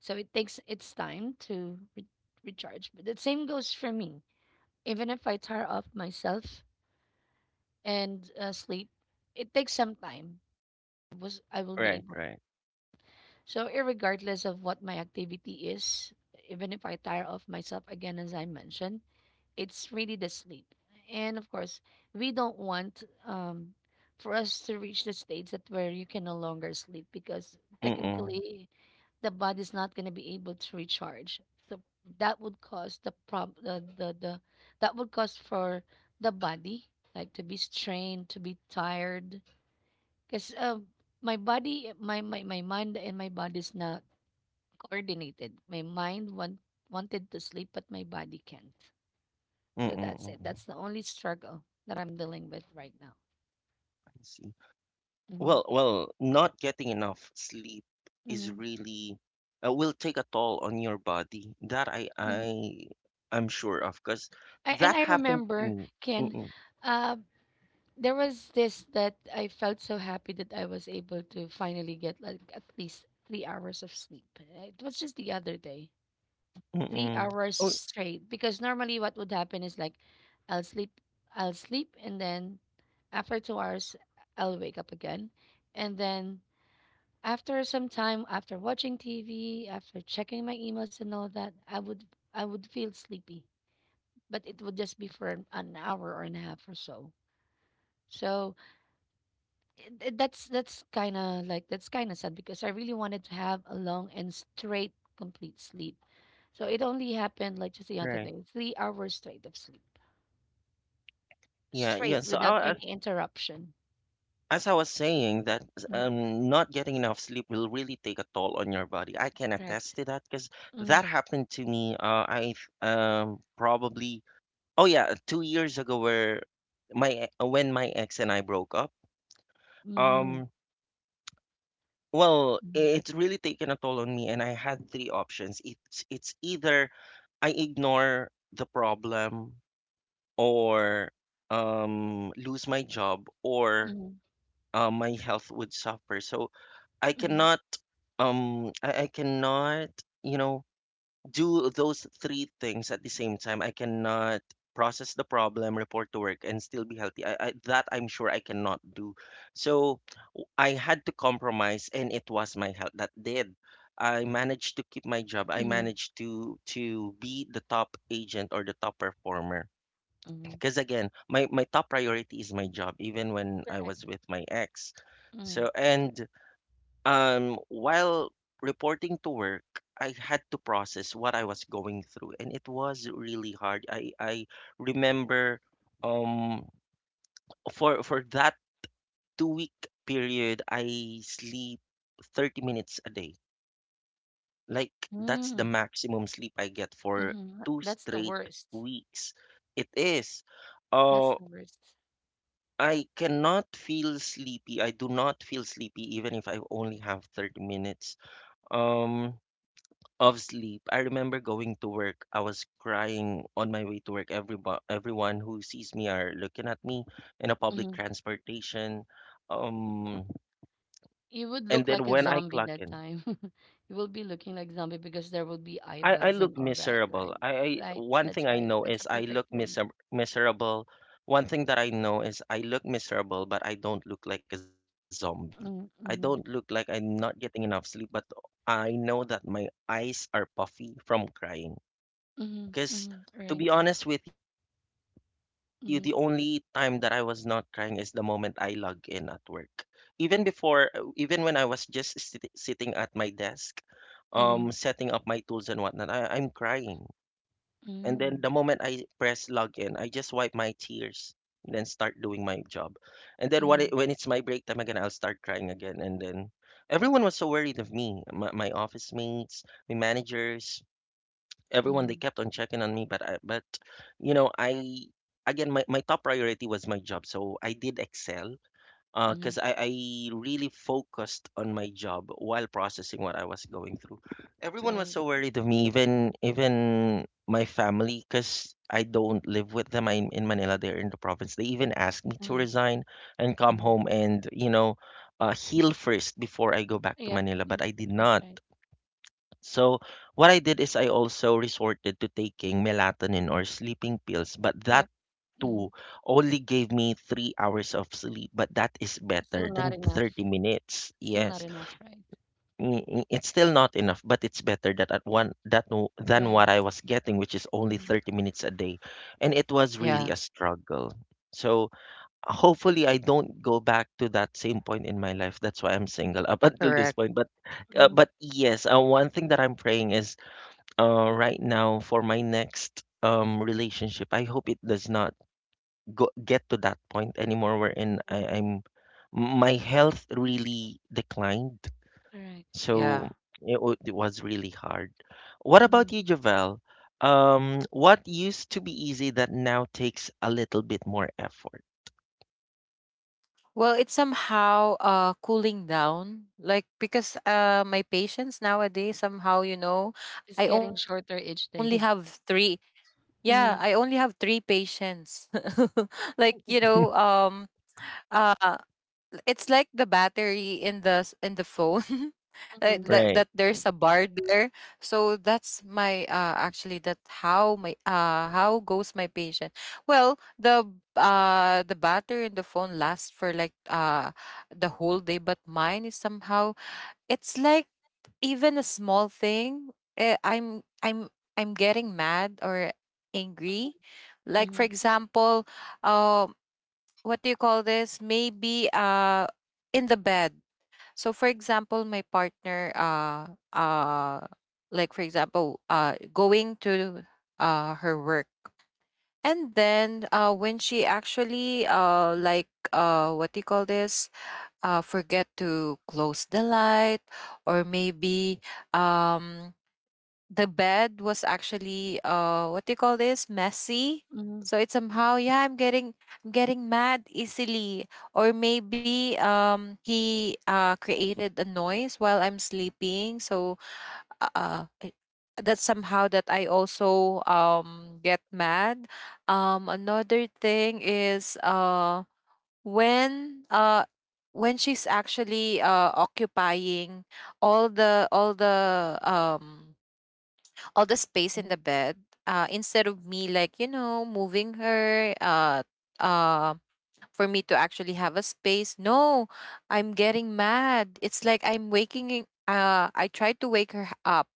Speaker 2: So it takes its time to recharge. But the same goes for me. Even if I tire off myself and sleep, it takes some time was I will be
Speaker 1: right,
Speaker 2: able.
Speaker 1: right.
Speaker 2: So irregardless of what my activity is, even if I tire of myself again as I mentioned, it's really the sleep. And of course, we don't want for us to reach the stage that where you can no longer sleep because
Speaker 1: Mm-mm, mm-mm,
Speaker 2: technically the body's not going to be able to recharge. So that would cause the prob the that would cause for the body like to be strained, to be tired, because my body, my mind and my body's not coordinated. Wanted to sleep, but my body can't. So that's it.
Speaker 1: mm-mm.
Speaker 2: That's the only struggle that I'm dealing with right now.
Speaker 1: I see.
Speaker 2: hmm
Speaker 1: Well, not getting enough sleep is
Speaker 2: hmm
Speaker 1: really will take a toll on your body. That I
Speaker 2: hmm
Speaker 1: I I'm sure of, because
Speaker 2: I, and
Speaker 1: that
Speaker 2: I
Speaker 1: happened to
Speaker 2: remember,
Speaker 1: me.
Speaker 2: Ken,
Speaker 1: Mm-mm,
Speaker 2: uh, there was this that I felt so happy that I was able to finally get like at least 3 hours of sleep. It was just the other day. three
Speaker 1: mm-mm.
Speaker 2: hours
Speaker 1: Oh,
Speaker 2: straight because normally what would happen is like I'll sleep I'll sleep and then after 2 hours I'll wake up again and then after some time, after watching TV, after checking my emails and all that, I would feel sleepy, but it would just be for an hour or and a half or so. So that's kind of like that's kind of sad because I really wanted to have a long and straight complete sleep. So it only happened like just the other
Speaker 1: right.
Speaker 2: day, 3 hours straight of sleep,
Speaker 1: Yeah, yeah.
Speaker 2: straight
Speaker 1: So
Speaker 2: without
Speaker 1: I,
Speaker 2: any interruption.
Speaker 1: as I was saying, that
Speaker 2: Mhm.
Speaker 1: not getting enough sleep will really take a toll on your body. I can attest
Speaker 2: Correct.
Speaker 1: to that because
Speaker 2: Mm-hmm.
Speaker 1: that happened to me. I probably oh yeah, 2 years ago, where when my ex and I broke up.
Speaker 2: Mm-hmm.
Speaker 1: Um, well, it's really taken a toll on me, and I had three options. It's either I ignore the problem, or lose my job, or
Speaker 2: Mm-hmm.
Speaker 1: my health would suffer. So I cannot, I cannot, you know, do those three things at the same time. I cannot process the problem, report to work, and still be healthy. I That I'm sure I cannot do. So I had to compromise and it was my health that did. I managed to keep my job. I
Speaker 2: Mm-hmm.
Speaker 1: managed to be the top agent or the top performer.
Speaker 2: Hmm.
Speaker 1: Because again, my top priority is my job even when I
Speaker 2: Correct.
Speaker 1: was with my ex.
Speaker 2: Mm-hmm.
Speaker 1: So and while reporting to work, I had to process what I was going through and it was really hard. I remember um for that 2-week period, I sleep 30 minutes a day. Like, that's the maximum sleep I get for
Speaker 2: Mm-hmm.
Speaker 1: two
Speaker 2: That's the
Speaker 1: straight
Speaker 2: worst.
Speaker 1: weeks. It is.
Speaker 2: That's
Speaker 1: Uh,
Speaker 2: the worst.
Speaker 1: I cannot feel sleepy. I do not feel sleepy even if I only have 30 minutes um of sleep. I remember going to work. I was crying on my way to work. Everyone who sees me are looking at me in a public
Speaker 2: Mm-hmm.
Speaker 1: transportation. Um,
Speaker 2: You would
Speaker 1: and
Speaker 2: look
Speaker 1: then
Speaker 2: like a
Speaker 1: when I
Speaker 2: zombie
Speaker 1: clock
Speaker 2: that
Speaker 1: in,
Speaker 2: time. *laughs* You will be looking like zombie because there will be eye
Speaker 1: I
Speaker 2: bugs and
Speaker 1: look
Speaker 2: all that,
Speaker 1: miserable.
Speaker 2: right?
Speaker 1: I
Speaker 2: Right.
Speaker 1: One
Speaker 2: That's
Speaker 1: thing I
Speaker 2: right.
Speaker 1: know
Speaker 2: That's a
Speaker 1: is I look
Speaker 2: perfect term.
Speaker 1: miserable. One thing that I know is I look miserable, but I don't look like a zombie. I don't look like
Speaker 2: Mm-hmm.
Speaker 1: I'm not getting enough sleep, but I know that my eyes are puffy from crying.
Speaker 2: Mm-hmm.
Speaker 1: Because
Speaker 2: Mm-hmm.
Speaker 1: to be
Speaker 2: Right.
Speaker 1: honest with you, the only time that I was not
Speaker 2: Mm-hmm.
Speaker 1: crying is the moment I log in at work. Even before, even when I was just sitting at my desk, setting up my tools and
Speaker 2: Mm-hmm.
Speaker 1: whatnot, I'm crying. And then the moment I press
Speaker 2: Mm-hmm.
Speaker 1: login, I just wipe my tears, then start doing my job. And then when when it's my break
Speaker 2: Mm-hmm.
Speaker 1: time again, I'll start crying again. And then everyone was so worried of me, my office mates, my managers, everyone. They kept on
Speaker 2: Mm-hmm.
Speaker 1: checking on me, but I again my top priority was my job, so I did excel because
Speaker 2: Mm-hmm.
Speaker 1: I really focused on my job while processing what I was going through. Everyone was
Speaker 2: Right.
Speaker 1: so worried of me, even my family, because I don't live with them. I'm in Manila, they're in the province. They even asked me to
Speaker 2: Uh-huh.
Speaker 1: resign and come
Speaker 2: Mm-hmm.
Speaker 1: home and heal first before I go back to
Speaker 2: Yep.
Speaker 1: Manila,
Speaker 2: Mm.
Speaker 1: but I did
Speaker 2: That's
Speaker 1: not.
Speaker 2: right.
Speaker 1: So what I did is I also resorted to taking melatonin or sleeping pills, but that
Speaker 2: Yep. Mm-hmm.
Speaker 1: two only gave me 3 hours of sleep, but that is
Speaker 2: Still
Speaker 1: better
Speaker 2: not
Speaker 1: than
Speaker 2: enough.
Speaker 1: 30 minutes.
Speaker 2: Still not
Speaker 1: Yes,
Speaker 2: enough, right?
Speaker 1: mm, mm, it's still not enough, but it's better that at one that w- than
Speaker 2: Right.
Speaker 1: what I was getting, which is only
Speaker 2: Mm-hmm.
Speaker 1: 30 minutes a day, and it was really
Speaker 3: Yeah.
Speaker 1: a struggle. So hopefully I don't go back to that same point in my life. That's why I'm single up *laughs* until this
Speaker 3: Correct.
Speaker 1: point. But uh,
Speaker 2: Mm-hmm.
Speaker 1: but yes, one thing that I'm praying is right now for my next relationship I hope it does not go get to that point anymore wherein I'm my health really declined.
Speaker 2: Right.
Speaker 1: So
Speaker 3: Yeah.
Speaker 1: it was really hard. What
Speaker 2: Mm-hmm.
Speaker 1: about you, Javel? What used to be easy that now takes a little bit more effort?
Speaker 3: Well, it's somehow, cooling down. Like, because, my patients nowadays, somehow, you know,
Speaker 2: It's
Speaker 3: I
Speaker 2: getting
Speaker 3: only have
Speaker 2: shorter each
Speaker 3: three.
Speaker 2: day. *laughs*
Speaker 3: Yeah, I only have
Speaker 2: Mm-hmm.
Speaker 3: three patients. *laughs* Like, you know,
Speaker 2: Mm-hmm.
Speaker 1: *laughs*
Speaker 3: uh, it's like the battery in the, in the phone. *laughs* Like that,
Speaker 2: Mm-hmm.
Speaker 3: that
Speaker 1: Right,
Speaker 3: there's a bar there, so that's my, actually that how my, how goes my patient. Well, the battery in the phone lasts for like, the whole day, but mine is somehow, it's like, even a small thing, eh, i'm i'm I'm getting mad or angry. Like, for
Speaker 2: Mm-hmm.
Speaker 3: example, um what do you call this, maybe, in the bed. So for example, my partner, uh like for example, going to, her work, and then, when she actually, like, what do you call this, forget to close the light, or maybe, um, the bed was actually, what do you call this, messy.
Speaker 2: Mhm,
Speaker 3: So it's somehow, yeah, I'm getting mad easily, or maybe, he, created a noise while I'm sleeping. Uh, uh, that's somehow that I also get mad. Another thing is when uh when she's actually occupying all the all the space in
Speaker 2: mhm,
Speaker 3: the bed instead of me, like, you know, moving her uh for me to actually have a space. No, I'm getting mad. It's like I'm waking I tried to wake her up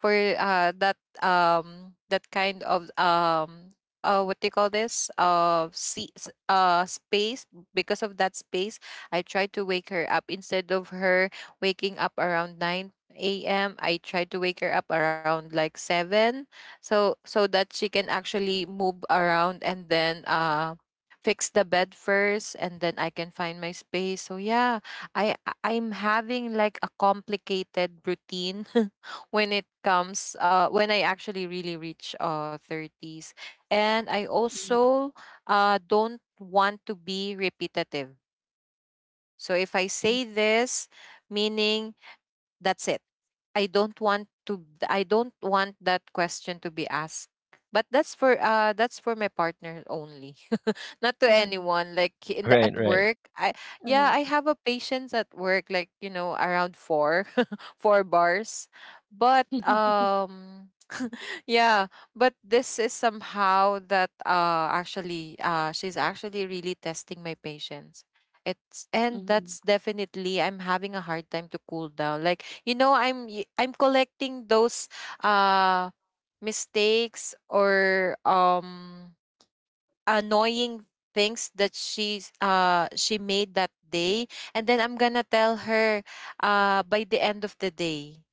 Speaker 3: for that that kind of what do you call this, see, space. Because of that space, I tried to wake her up instead of her waking up around 9 a.m. I tried to wake her up around, like, 7 so that she can actually move around and then fix the bed first, and then I can find my space. So yeah, I'm having like a complicated routine *laughs* when it comes when I actually really reach 30s. And I
Speaker 2: mhm,
Speaker 3: also don't want to be repetitive. So if I
Speaker 2: mhm.
Speaker 3: say this, meaning that's it. I don't want that question to be asked. But that's for my partner only. *laughs* Not to
Speaker 2: Um,
Speaker 3: anyone, like, in the
Speaker 1: right,
Speaker 3: at
Speaker 1: right.
Speaker 3: work. I yeah,
Speaker 2: um,
Speaker 3: I have a patience at work, like, you know, around 4 *laughs* 4 bars. But yeah, but this is somehow that actually she's actually really testing my patience. It's and
Speaker 2: mhm,
Speaker 3: that's definitely I'm having a hard time to cool down. Like, you know, I'm I'm collecting those uh mistakes or annoying things that she's she made that day, and then I'm gonna tell her by the end of the day.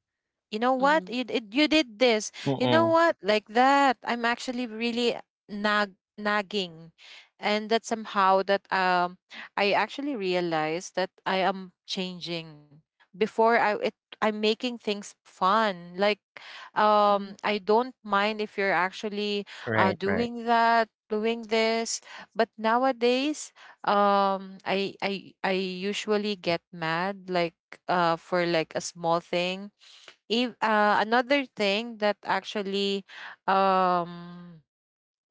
Speaker 3: You know what
Speaker 2: mhm,
Speaker 3: you did this, you know
Speaker 1: Mm-mm.
Speaker 3: what, like that, I'm actually really nagging. And that somehow that I actually realized that I am changing. Before I'm making things fun, like
Speaker 2: mhm,
Speaker 3: I don't mind if you're actually
Speaker 1: Right, right,
Speaker 3: doing that, doing this. But nowadays I usually get mad, like for like a small thing. If, Another thing that actually um,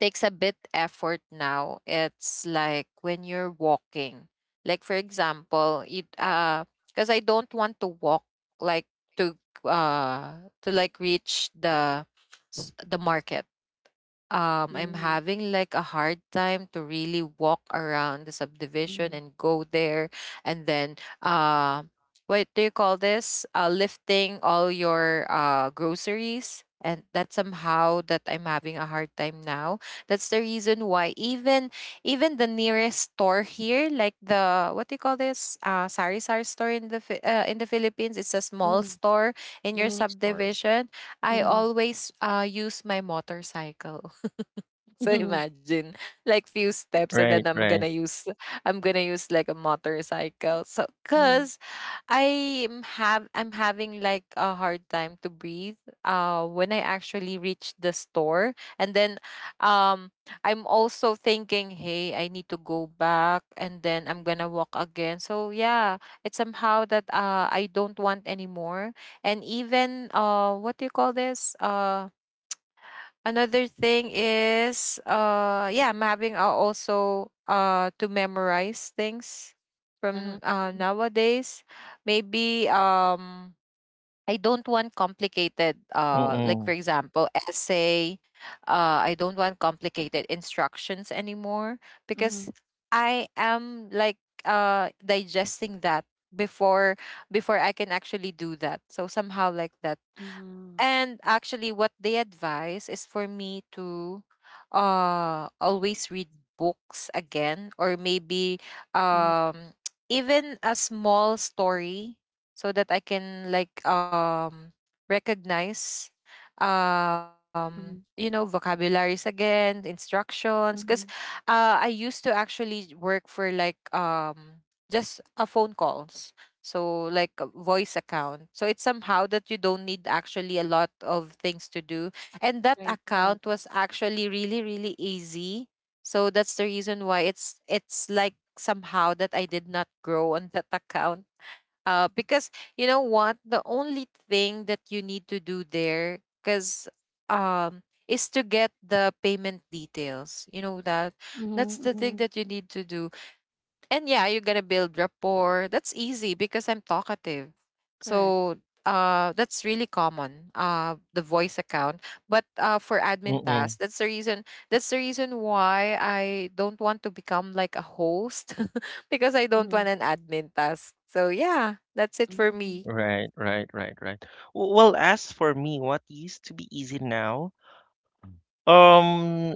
Speaker 3: takes a bit effort now, it's like when you're walking. Like for example, it because I don't want to walk, like, to to like reach the the market. I'm
Speaker 2: mhm,
Speaker 3: having like a hard time to really walk around the subdivision
Speaker 2: mhm,
Speaker 3: and go there, and then what do you call this? Lifting all your groceries, and that's somehow that I'm having a hard time now. That's the reason why even even the nearest store here, like the what do you call this? Sari sari store in the in the Philippines, it's a small
Speaker 2: mhm.
Speaker 3: store in
Speaker 2: The
Speaker 3: your
Speaker 2: mini stores.
Speaker 3: subdivision. I
Speaker 2: Mhm,
Speaker 3: always use my motorcycle.
Speaker 2: *laughs*
Speaker 3: So
Speaker 2: mhm,
Speaker 3: imagine like few steps, and then
Speaker 1: right,
Speaker 3: I'm
Speaker 1: right.
Speaker 3: gonna use like a motorcycle. So
Speaker 2: mhm.
Speaker 3: cause I'm having like a hard time to breathe when I actually reach the store, and then um I'm also thinking, hey, I need to go back, and then I'm gonna walk again. So yeah, it's somehow that I don't want anymore. And even what do you call this? Another thing is yeah, I'm having also to memorize things
Speaker 2: Uh-huh.
Speaker 3: from nowadays. Maybe I don't want complicated like for
Speaker 1: Mm-mm.
Speaker 3: example essay. I don't want complicated instructions anymore, because
Speaker 2: Mhm,
Speaker 3: I am like digesting that before before I can actually do that. So somehow like that.
Speaker 2: mhm,
Speaker 3: And actually, what they advise is for me to always read books again, or maybe
Speaker 2: uh-huh. Mhm,
Speaker 3: um, *tsk* even a small story, so that I can like recognize, you know,
Speaker 2: mhm,
Speaker 3: vocabularies again, instructions. Because
Speaker 2: mhm.
Speaker 3: I used to actually work for like just a phone calls, so like a voice account, so it's somehow that you don't need actually a lot of things to do, and that
Speaker 2: Right, right.
Speaker 3: account was actually really really easy. So that's the reason why it's like somehow that I did not grow on that *laughs* account because, you know what, the only thing that you need to do there, because is to get the payment details, you know that
Speaker 2: Mhm,
Speaker 3: that's the thing
Speaker 2: mhm.
Speaker 3: that you need to do. And yeah, you're gonna build rapport. That's easy because I'm talkative.
Speaker 2: Correct.
Speaker 3: So that's really common, the voice account. But for admin
Speaker 1: Mm-mm.
Speaker 3: tasks, that's the reason why I don't want to become like a host *laughs* because I don't
Speaker 2: Mhm,
Speaker 3: want an admin task. So yeah, that's it for
Speaker 2: mhm,
Speaker 3: me.
Speaker 1: Right, right, right, right. Well, as for me, what used to be easy now? Um,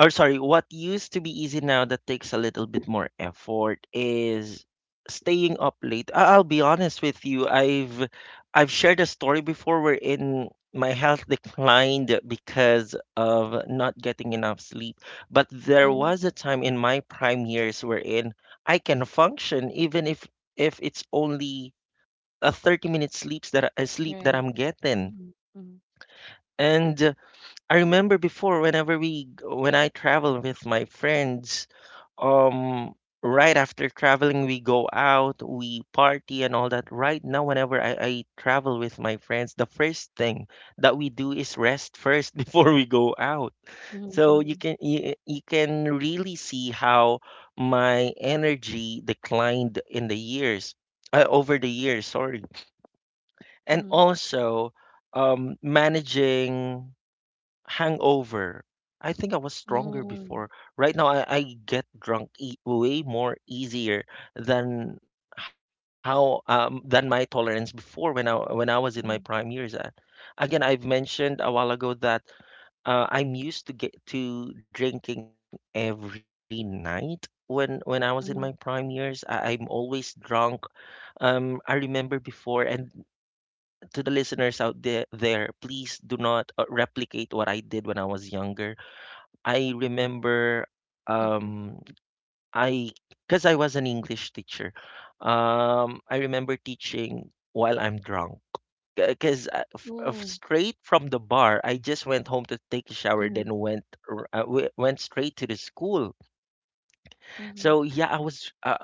Speaker 1: or sorry, what used to be easy now that takes a little bit more effort is staying up late. I'll be honest with you. I've shared a story before where in my health *laughs* declined because of not getting enough sleep. But there
Speaker 2: mhm.
Speaker 1: was a time in my prime years wherein I can function even if it's only a 30-minute sleeps that I sleep that
Speaker 2: Right.
Speaker 1: I'm getting.
Speaker 2: Mhm, mhm,
Speaker 1: And I remember before whenever we when I travel with my friends, um right after traveling we go out, we party and all that. Right now whenever I travel with my friends, the first thing that we do is rest first *laughs* before we go out. So
Speaker 2: mhm,
Speaker 1: you can really see how my energy declined in the years over the years, sorry. And
Speaker 2: mhm,
Speaker 1: also managing hangover. I think I was
Speaker 2: mhm,
Speaker 1: stronger
Speaker 2: mhm,
Speaker 1: before. Right now, I get drunk e way more easier than how than my tolerance before when I was in my prime
Speaker 2: mhm,
Speaker 1: years. Again, I've mentioned a while ago that I'm used to get to drinking every night when I was in my prime years.
Speaker 2: mhm,
Speaker 1: I'm always drunk. I remember before, and to the listeners out there, please do not replicate what I did when I was younger. I remember
Speaker 2: mhm.
Speaker 1: um I because I was an English teacher. I remember teaching while I'm drunk because
Speaker 2: Ooh,
Speaker 1: straight from the bar I just went home to take a shower
Speaker 2: mhm,
Speaker 1: then went straight to the school.
Speaker 2: mhm,
Speaker 1: So yeah, I was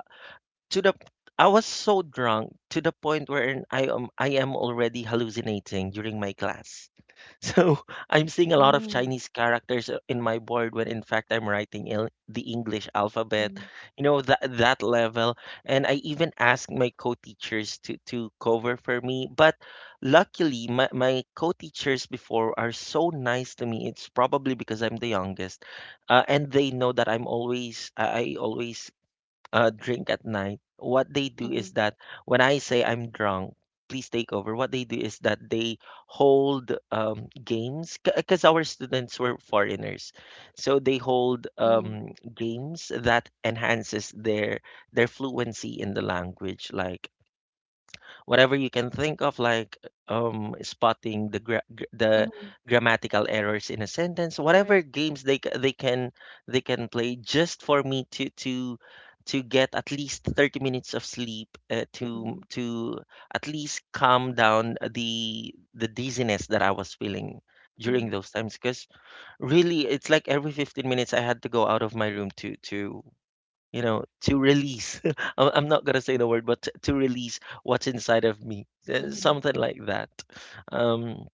Speaker 1: to the I was so drunk to the point where I am already hallucinating during my class. *laughs* So I'm seeing a lot of
Speaker 2: mhm,
Speaker 1: Chinese characters in my board when in fact I'm writing the English alphabet.
Speaker 2: mhm,
Speaker 1: You know that level, and I even asked my co-teachers to cover for me. But luckily, my co-teachers before are so nice to me. It's probably because I'm the youngest, and they know that I'm always I always drink at night, what they do is
Speaker 2: mhm,
Speaker 1: that when I say I'm drunk, please take over. What they do is that they hold games because our students were foreigners, so they hold
Speaker 2: mhm,
Speaker 1: games that enhances their fluency in the language. Like whatever you can think of, like spotting the the
Speaker 2: mhm.
Speaker 1: grammatical errors in a sentence,
Speaker 2: Correct.
Speaker 1: whatever games they can play just for me to get at least 30 minutes of sleep to
Speaker 2: Mhm,
Speaker 1: to at least calm down the dizziness that I was feeling during
Speaker 2: mhm,
Speaker 1: those times because really it's like every 15 minutes I had to go out of my room to you know to release *laughs* I'm not gonna say the word but to release what's inside of me
Speaker 2: mhm,
Speaker 1: something like that um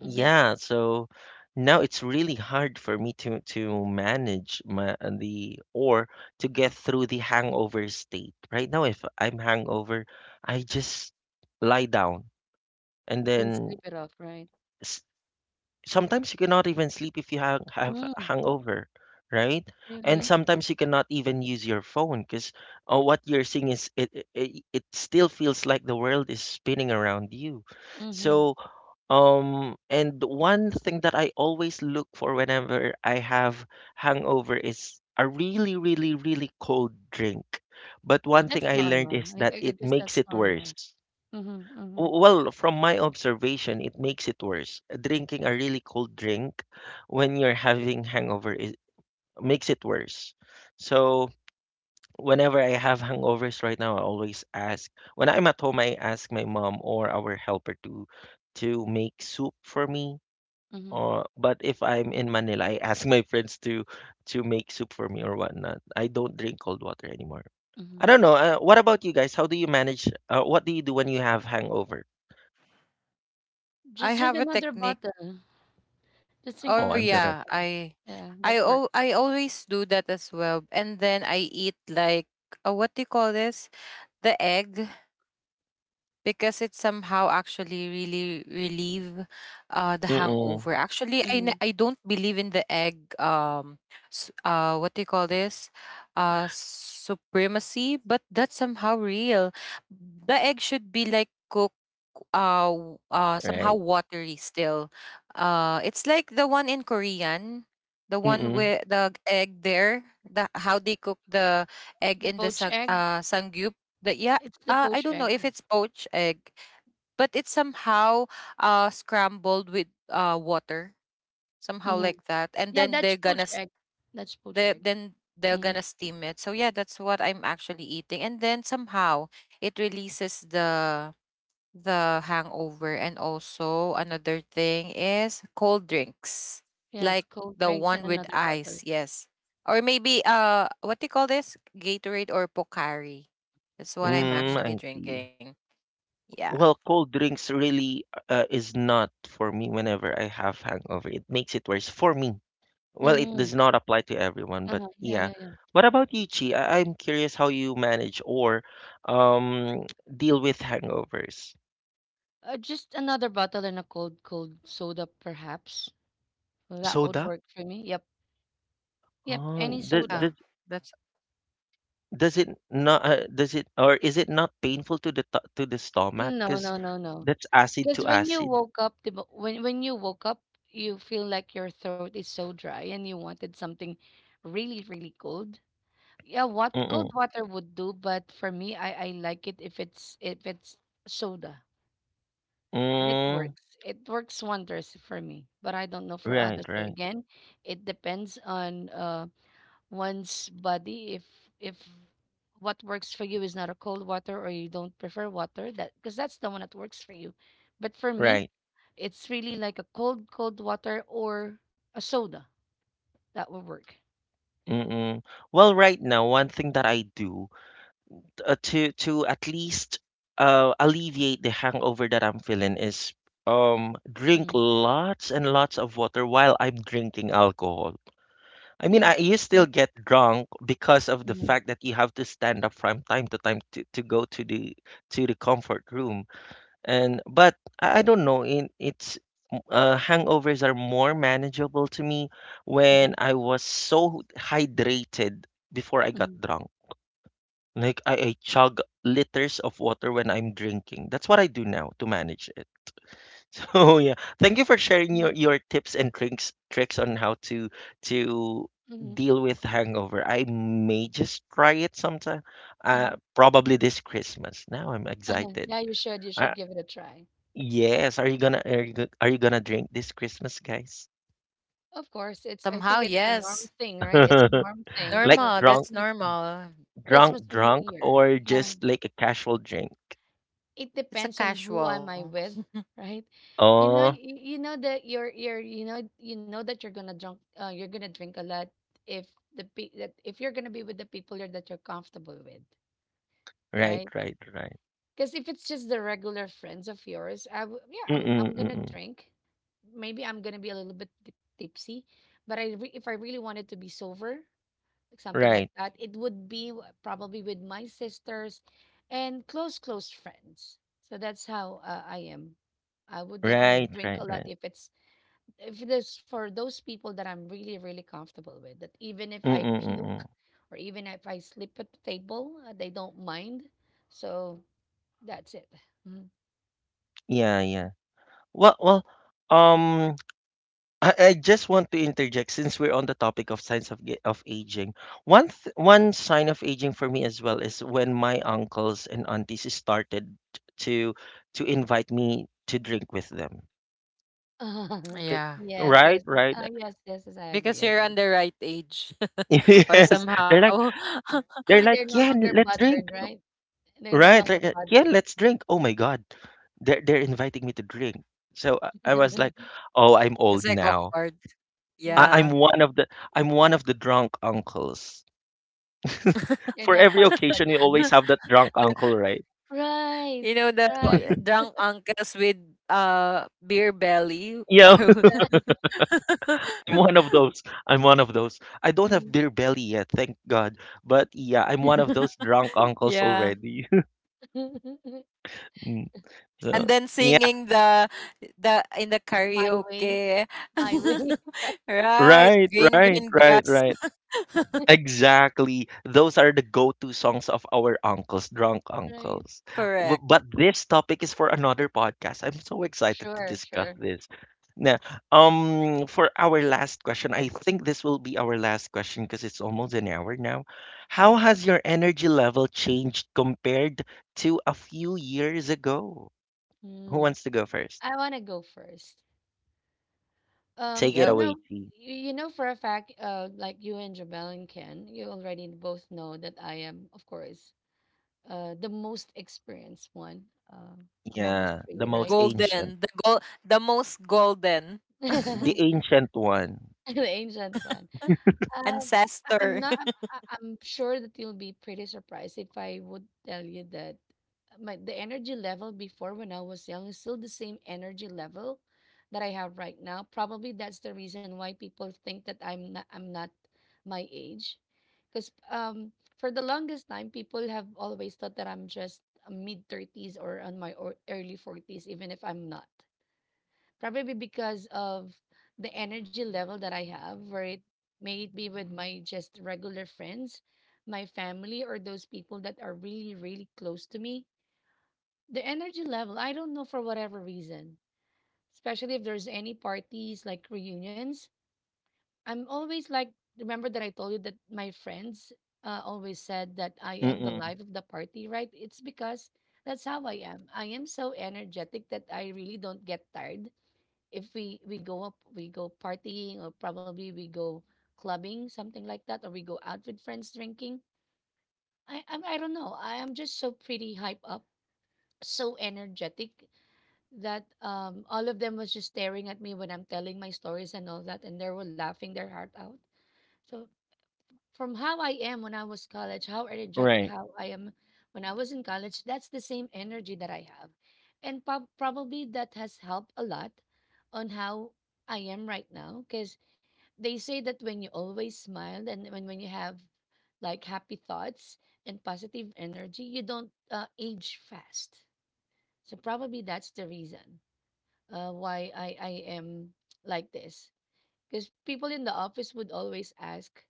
Speaker 2: mhm,
Speaker 1: yeah so now it's really hard for me to manage my the or to get through the hangover state right now if I'm hangover I just lie down and
Speaker 2: and
Speaker 1: then
Speaker 2: sleep it off, right?
Speaker 1: s- sometimes you cannot even sleep if you have a
Speaker 2: Mm,
Speaker 1: hangover, right? And
Speaker 2: really?
Speaker 1: sometimes you cannot even use your phone because what you're seeing is it still feels like the world is spinning around you.
Speaker 2: Mm-hmm.
Speaker 1: So and one thing that I always look for whenever I have hangover is a really really really cold drink. But one thing
Speaker 2: That's
Speaker 1: I learned
Speaker 2: normal.
Speaker 1: is
Speaker 2: I, I
Speaker 1: that
Speaker 2: I
Speaker 1: it
Speaker 2: guess
Speaker 1: makes
Speaker 2: that's
Speaker 1: it
Speaker 2: normal.
Speaker 1: worse.
Speaker 2: Mm-hmm, mm-hmm,
Speaker 1: Well, from my observation, it makes it worse. Drinking a really cold drink when you're having hangover is makes it worse. So whenever I have hangovers right now, I always ask, when I'm at home, I ask my mom or our helper to make soup for me.
Speaker 2: mm-hmm,
Speaker 1: Or but if I'm in Manila, I ask *laughs* my friends to make soup for me or whatnot. I don't drink cold water anymore. I
Speaker 2: mm-hmm.
Speaker 1: don't know. What about you guys? How do you manage? What do you do when you have hangover?
Speaker 3: I
Speaker 2: Just drink
Speaker 3: have a
Speaker 2: another
Speaker 3: technique.
Speaker 2: bottle. Just drink
Speaker 3: Oh
Speaker 1: Oh,
Speaker 2: another
Speaker 1: I'm gonna.
Speaker 3: yeah,
Speaker 2: bottle. Yeah, that works.
Speaker 3: I always do that as well. And then I eat like what do you call this? The egg. Because it somehow actually really relieve the
Speaker 1: Mm,
Speaker 3: hangover. Actually,
Speaker 2: Mm-hmm.
Speaker 3: I don't believe in the egg what do you call this supremacy, but that's somehow real. The egg should be like cooked somehow
Speaker 1: right.
Speaker 3: watery still. It's like the one in Korean. The one
Speaker 1: Mm,
Speaker 3: with the egg there, the how they cook the egg
Speaker 2: The
Speaker 3: in the
Speaker 2: poached egg.
Speaker 3: sangyup. The, yeah,
Speaker 2: It's the
Speaker 3: I
Speaker 2: poached
Speaker 3: don't know
Speaker 2: egg.
Speaker 3: if it's poached egg, but it's somehow scrambled with water, somehow
Speaker 2: Mm-hmm.
Speaker 3: like that, and
Speaker 2: Yeah,
Speaker 3: then
Speaker 2: that's
Speaker 3: they're
Speaker 2: poached
Speaker 3: gonna
Speaker 2: egg. That's poached
Speaker 3: they
Speaker 2: egg.
Speaker 3: then they're
Speaker 2: Mm-hmm.
Speaker 3: gonna steam it. So yeah, that's what I'm actually eating, and then somehow it releases the hangover. And also another thing is cold drinks,
Speaker 2: Yes,
Speaker 3: like
Speaker 2: cold
Speaker 3: the
Speaker 2: drinks and
Speaker 3: one with
Speaker 2: another bottle.
Speaker 3: ice, yes, or maybe what do you call this, Gatorade or Pocari? That's what I'm
Speaker 2: Mm-hmm.
Speaker 1: mm,
Speaker 3: actually
Speaker 1: I see.
Speaker 3: drinking. Yeah.
Speaker 1: Well, cold drinks really is not for me whenever I have hangover. It makes it worse for me. Well, it
Speaker 2: Mm-hmm.
Speaker 1: does not apply to everyone, but
Speaker 2: Uh-huh. Yeah,
Speaker 1: yeah.
Speaker 2: yeah, yeah.
Speaker 1: What about you, Chi? I'm curious how you manage or deal with hangovers.
Speaker 2: Just another bottle and a cold, cold soda, perhaps. Well, that would
Speaker 1: Soda?
Speaker 2: work for me. Yep. Yep.
Speaker 1: Oh,
Speaker 2: Any
Speaker 3: Yeah,
Speaker 2: soda.
Speaker 3: that's
Speaker 1: does it not, does it or is it not painful to the stomach?
Speaker 2: No,
Speaker 1: Because
Speaker 2: no, no, no.
Speaker 1: that's acid
Speaker 2: Because
Speaker 1: to
Speaker 2: when you
Speaker 1: acid.
Speaker 2: woke up, when you woke up, you feel like your throat is so dry and you wanted something really, really cold. Yeah, what cold
Speaker 1: Mm-mm.
Speaker 2: water would do, but for me, I like it if it's soda. And it
Speaker 1: Mm,
Speaker 2: works. It works wonders for me. But I don't know for
Speaker 1: right,
Speaker 2: others.
Speaker 1: right.
Speaker 2: Again, it depends on one's body if what works for you is not a cold water or you don't prefer water that because that's the one that works for you, but for me
Speaker 1: Right.
Speaker 2: it's really like a cold cold water or a soda that will work.
Speaker 1: Mm-mm. Well, right now, one thing that I do to at least alleviate the hangover that I'm feeling is drink
Speaker 2: Mm.
Speaker 1: lots and lots of water while I'm drinking alcohol. I mean,
Speaker 2: Yeah.
Speaker 1: you still get drunk because of the
Speaker 2: Mm-hmm.
Speaker 1: fact that you have to stand up from time to time to go to the comfort room. And but I don't know. Hangovers are more manageable to me
Speaker 2: Mm-hmm.
Speaker 1: when I was so hydrated before I got
Speaker 2: Hmm.
Speaker 1: drunk. Like I chug liters of water when I'm drinking. That's what I do now to manage it. *laughs* So yeah, thank you for sharing your tips and tricks on how to deal with hangover. I may just try it sometime. Probably this Christmas. Now I'm
Speaker 2: *laughs*
Speaker 1: excited.
Speaker 2: Yeah, you should, you should give it a try.
Speaker 1: Yes, are you gonna drink this Christmas, guys?
Speaker 2: Of course it's, I think
Speaker 3: somehow
Speaker 2: it's a norm
Speaker 3: yes.
Speaker 2: thing, right? It's a norm thing
Speaker 1: *laughs* Like
Speaker 2: for
Speaker 3: Normal,
Speaker 1: drunk,
Speaker 3: that's
Speaker 2: Christmas.
Speaker 3: normal.
Speaker 2: Christmas
Speaker 1: drunk,
Speaker 2: or New
Speaker 1: drunk,
Speaker 2: Year,
Speaker 1: or
Speaker 2: yeah.
Speaker 1: just like a casual drink?
Speaker 2: It
Speaker 3: It's a
Speaker 2: depends on who am I
Speaker 3: casual.
Speaker 2: with, right? You know,
Speaker 1: Oh,
Speaker 2: you know that you know, you know that you're gonna drink a lot if the pe that if you're gonna be with the people you're, that you're comfortable with,
Speaker 1: right,
Speaker 2: right?
Speaker 1: right, right.
Speaker 2: Because if it's just the regular friends of yours, I w, yeah, I'm
Speaker 1: Mm-mm,
Speaker 2: I'm gonna
Speaker 1: mm-mm.
Speaker 2: drink. Maybe I'm gonna be a little bit tipsy, but I re, if I really wanted to be sober, like something
Speaker 1: Right,
Speaker 2: like that. It would be w- probably with my sisters and close, close friends. So that's how I am. I would definitely
Speaker 1: right,
Speaker 2: drink a
Speaker 1: right,
Speaker 2: lot
Speaker 1: right.
Speaker 2: if it's if it is for those people that I'm really, really comfortable with. That even if I
Speaker 1: Mm-mm,
Speaker 2: puke
Speaker 1: mm-mm.
Speaker 2: or even if I sleep at the table, they don't mind. So that's it. Mm.
Speaker 1: Yeah, yeah. Well, um. I just want to interject since we're on the topic of signs of of aging. One sign of aging for me as well is when my uncles and aunties started to to invite me to drink with them.
Speaker 2: *laughs*
Speaker 1: 'Cause-
Speaker 3: Yeah.
Speaker 2: Yes, yes,
Speaker 1: Right,
Speaker 2: yes.
Speaker 1: right.
Speaker 2: Yes, yes, yes. I agree, I
Speaker 3: Because
Speaker 2: agree.
Speaker 3: you're on the right age.
Speaker 1: *laughs*
Speaker 3: *laughs* Or
Speaker 2: Uh.
Speaker 1: Yes, they're like
Speaker 3: somehow. *laughs*
Speaker 2: And they're no
Speaker 1: yeah,
Speaker 2: longer
Speaker 1: let's drink.
Speaker 2: bothered, right? They're no
Speaker 1: Right,
Speaker 2: longer
Speaker 1: like yeah,
Speaker 2: bothered.
Speaker 1: let's drink. Oh my God, they're inviting me to drink. So I was like,
Speaker 2: *laughs*
Speaker 1: oh, I'm
Speaker 3: It's
Speaker 1: old
Speaker 3: like
Speaker 1: now.
Speaker 3: awkward.
Speaker 1: I,
Speaker 2: Mhm.
Speaker 1: I'm
Speaker 3: Yeah.
Speaker 1: one of the I'm one of the drunk uncles. *laughs*
Speaker 2: You're
Speaker 1: For
Speaker 2: now
Speaker 1: every
Speaker 2: part of the
Speaker 1: occasion, you
Speaker 2: gang.
Speaker 1: always
Speaker 2: *laughs*
Speaker 1: have that drunk uncle, right?
Speaker 2: Right,
Speaker 3: You know the
Speaker 2: right,
Speaker 3: drunk uncles with beer belly.
Speaker 1: Yeah,
Speaker 2: right.
Speaker 1: *laughs* I'm one of
Speaker 3: *laughs*
Speaker 1: those. I'm one of those. I don't have
Speaker 2: Mm.
Speaker 1: beer belly yet, thank God. But yeah, I'm one of those drunk uncles
Speaker 3: Yeah.
Speaker 1: already. *laughs*
Speaker 2: *laughs*
Speaker 1: Mm, so
Speaker 3: And then
Speaker 1: yeah,
Speaker 3: singing the in the
Speaker 2: My way,
Speaker 3: karaoke.
Speaker 2: my way.
Speaker 3: *laughs*
Speaker 2: *laughs* Right,
Speaker 3: Right.
Speaker 1: right,
Speaker 3: Green
Speaker 1: right,
Speaker 3: green
Speaker 1: right,
Speaker 3: grass.
Speaker 1: right.
Speaker 3: *laughs*
Speaker 1: Exactly. Those are the go-to songs of our uncles, drunk
Speaker 2: right.
Speaker 1: uncles.
Speaker 3: Correct.
Speaker 1: But this topic is for another podcast. I'm so excited to
Speaker 2: Sure,
Speaker 1: discuss
Speaker 2: sure.
Speaker 1: this. Now, for our last question, I think this will be our last question because it's almost an hour now. How has your energy level changed compared to a few years ago? Who
Speaker 2: Mm-hmm.
Speaker 1: wants to go first?
Speaker 2: I want to go first.
Speaker 1: Take it
Speaker 2: You
Speaker 3: Go.
Speaker 1: away,
Speaker 2: know,
Speaker 1: T.
Speaker 2: you know for a fact, like you and Jabel and Ken, you already both know that I am, of course, the most experienced one, uh, among us
Speaker 1: Yeah, the
Speaker 2: three,
Speaker 1: most
Speaker 2: right?
Speaker 1: ancient,
Speaker 3: Golden, the gold, the most golden
Speaker 1: the
Speaker 2: *laughs*
Speaker 1: ancient one.
Speaker 2: The ancient one. Uh, I- I'm
Speaker 3: ancestor.
Speaker 2: not. I- I'm sure that you'll be pretty surprised if I would tell you that my the energy level before when I was young is still the same energy level that I have right now. Probably that's the reason why people think that I'm not. I'm not my age, because for the longest time people have always thought that I'm just mid 30s or on my or early 40s, even if I'm not, probably because of the energy level that I have, where it may it be with my just regular friends, my family, or those people that are really, really close to me. The energy level, I don't know for whatever reason, especially if there's any parties like reunions. I'm always like, remember that I told you that my friends always said that I am the
Speaker 1: Mm-mm.
Speaker 2: life of the party, right? It's because that's how I am. I am so energetic that I really don't get tired if we go up, we go partying, or probably we go clubbing, something like that, or we go out with friends drinking. I don't know, I am just so pretty hype up, so energetic that all of them was just staring at me when I'm telling my stories and all that, and they were laughing their heart out. So from how I am when I was college, how energetic
Speaker 1: Right.
Speaker 2: how I am when I was in college, that's the same energy that I have, and probably that has helped a lot on how I am right now, because they say that when you always smile and when you have like happy thoughts and positive energy, you don't age fast. So probably that's the reason why I am like this. Because people in the office would always ask,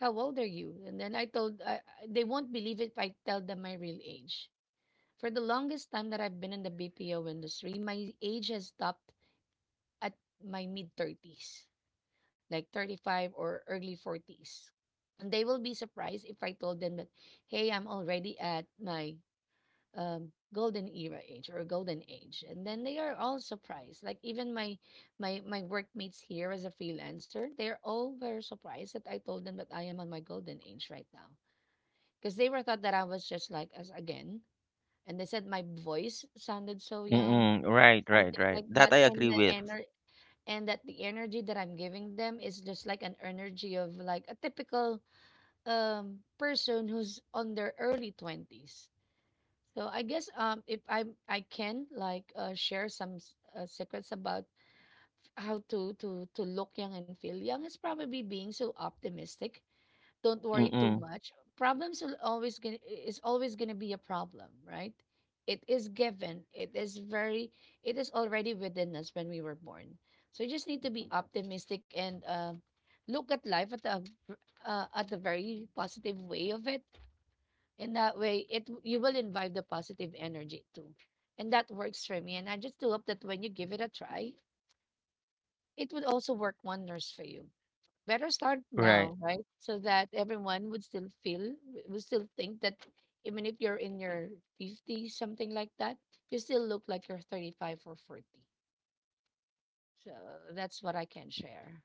Speaker 2: "How old are you?" And then I told, I- they won't believe it if I tell them my real age. For the longest time that I've been in the BPO industry, my age has stopped at my mid 30s, like 35 or early 40s. They will be surprised if I told them that, hey, I'm already at my golden era age or golden age, and then they are all surprised. Like even my workmates here as a freelancer, they're all very surprised that I told them that I am on my golden age right now, because they were thought that I was just like us again, and they said my voice sounded so young,
Speaker 1: Mm, right, right,
Speaker 2: something
Speaker 1: right.
Speaker 2: like
Speaker 1: That
Speaker 2: that,
Speaker 1: I
Speaker 2: and
Speaker 1: agree with.
Speaker 2: and that the energy that I'm giving them is just like an energy of like a typical person who's on their early 20s. So I guess if I can share some secrets about how to look young and feel young is probably being so optimistic. Don't worry too
Speaker 1: Mm,
Speaker 2: much, problems will always gonna is always gonna be a problem, right? It is given, it is very, it is already within us when we were born. So you just need to be optimistic and look at life at at a very positive way of it. In that way it you will invite the positive energy too, and that works for me, and I just do hope that when you give it a try, it would also work wonders for you. Better start now,
Speaker 1: right.
Speaker 2: right? So that everyone would still feel, would still think that even if you're in your 50s, something like that, you still look like you're 35 or 40. So that's what I can share.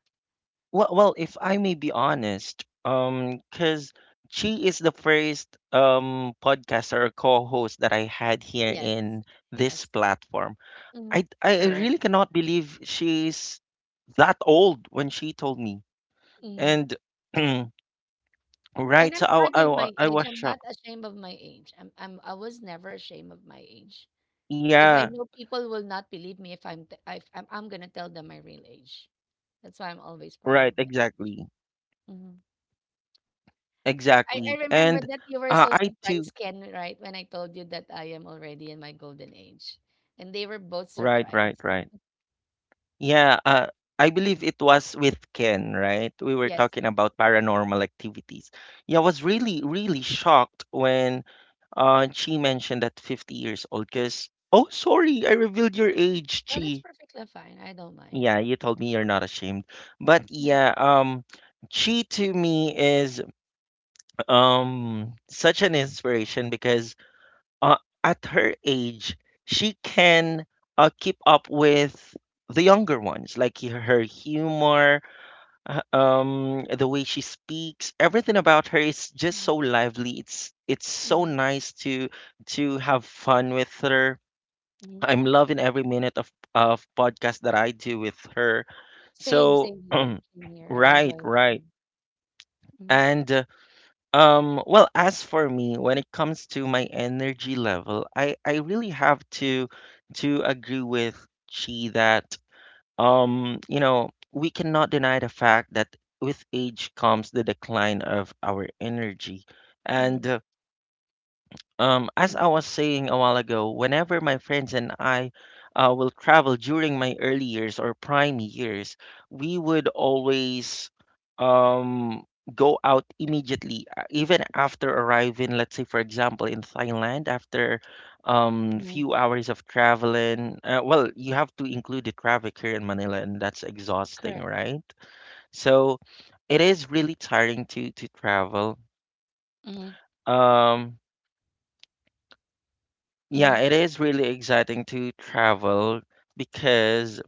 Speaker 1: If I may be honest, because she is the first podcaster or co-host that I had here
Speaker 2: Yes.
Speaker 1: in this
Speaker 2: Yes.
Speaker 1: platform.
Speaker 2: Mm,
Speaker 1: I really cannot believe she's that old when she told me.
Speaker 2: Hmm.
Speaker 1: And *clears throat*
Speaker 2: And
Speaker 1: right, so
Speaker 2: I'm proud
Speaker 1: I, I
Speaker 2: of
Speaker 1: wa-
Speaker 2: my
Speaker 1: I
Speaker 2: age.
Speaker 1: was
Speaker 2: I'm not
Speaker 1: shocked.
Speaker 2: ashamed of my age. I'm I was never ashamed of my age, because I
Speaker 1: Yeah,
Speaker 2: know people will not believe me if I'm t- if I'm, I'm gonna tell them my real age. That's why I'm always proud of my
Speaker 1: right,
Speaker 2: age.
Speaker 1: exactly,
Speaker 2: Mhm. I
Speaker 1: exactly.
Speaker 2: remember
Speaker 1: And
Speaker 2: that you were so
Speaker 1: I
Speaker 2: surprised,
Speaker 1: too.
Speaker 2: Ken, right? When I told you that I am already in my golden age, and they were both
Speaker 1: Right, right,
Speaker 2: surprised.
Speaker 1: right. Yeah, I believe it was with Ken, right? We were
Speaker 2: Yes,
Speaker 1: talking about paranormal activities. Yeah, I was really, really shocked when Chi mentioned that 50 years old, because oh sorry, I revealed your age,
Speaker 2: no, that's
Speaker 1: Chi.
Speaker 2: perfectly fine. I don't mind.
Speaker 1: Yeah, you told me you're not ashamed. But yeah, Chi to me is such an inspiration because uh at her age she can keep up with the younger ones, like her humor. The way she speaks, everything about her is just
Speaker 2: Mm-hmm.
Speaker 1: so lively. It's so
Speaker 2: Hmm.
Speaker 1: nice to have fun with her.
Speaker 2: Hmm.
Speaker 1: I'm loving every minute of podcast that I do with her.
Speaker 2: Same,
Speaker 1: So
Speaker 2: same here. Same here.
Speaker 1: *clears throat*
Speaker 2: I enjoy
Speaker 1: right,
Speaker 2: it.
Speaker 1: right.
Speaker 2: Mm-hmm.
Speaker 1: And well, as for me, when it comes to my energy level, I really have to agree with Chi that you know, we cannot deny the fact that with age comes the decline of our energy.
Speaker 2: Mm-hmm.
Speaker 1: And as
Speaker 2: Mm-hmm.
Speaker 1: I was saying a while ago, whenever my friends and I will travel during my early years or prime years, we would always um, go out immediately, even after arriving, let's say, for example, in Thailand, after few hours of traveling. Well, you have to include the traffic here in Manila, and that's exhausting,
Speaker 2: Correct.
Speaker 1: right? So it is really tiring to travel.
Speaker 2: Mhm,
Speaker 1: Um, Yeah,
Speaker 2: mhm,
Speaker 1: it is really exciting to travel because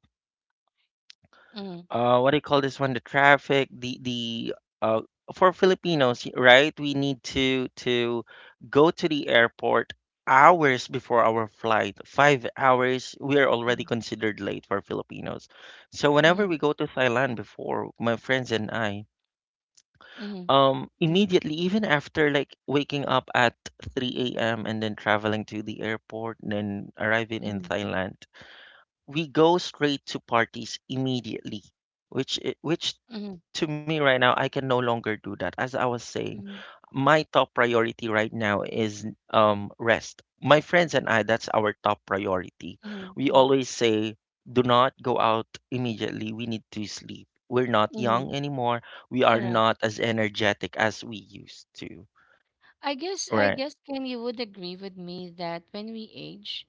Speaker 2: mhm,
Speaker 1: what do you call this one? The traffic, the uh for Filipinos, right? We need to go to the airport hours before our flight. 5 hours, we are
Speaker 2: mhm,
Speaker 1: already considered late for Filipinos. So whenever
Speaker 2: mhm,
Speaker 1: we go to Thailand before, my friends and I,
Speaker 2: mhm, mhm,
Speaker 1: immediately, even after like waking up at 3 a.m. and then traveling to the airport and then arriving in
Speaker 2: mhm,
Speaker 1: Thailand, we go straight to parties immediately, which
Speaker 2: mhm,
Speaker 1: to me right now I can no longer do that. As I was saying,
Speaker 2: mhm,
Speaker 1: my top priority right now is rest. My friends and I, that's our top priority.
Speaker 2: mhm,
Speaker 1: We
Speaker 2: mhm,
Speaker 1: always say, do not go out immediately. We need to sleep. We're not
Speaker 2: mhm.
Speaker 1: young anymore. We are
Speaker 2: Correct.
Speaker 1: not as energetic as we used to.
Speaker 2: I guess I
Speaker 1: Right.
Speaker 2: guess Ken, you would agree with me that when we age,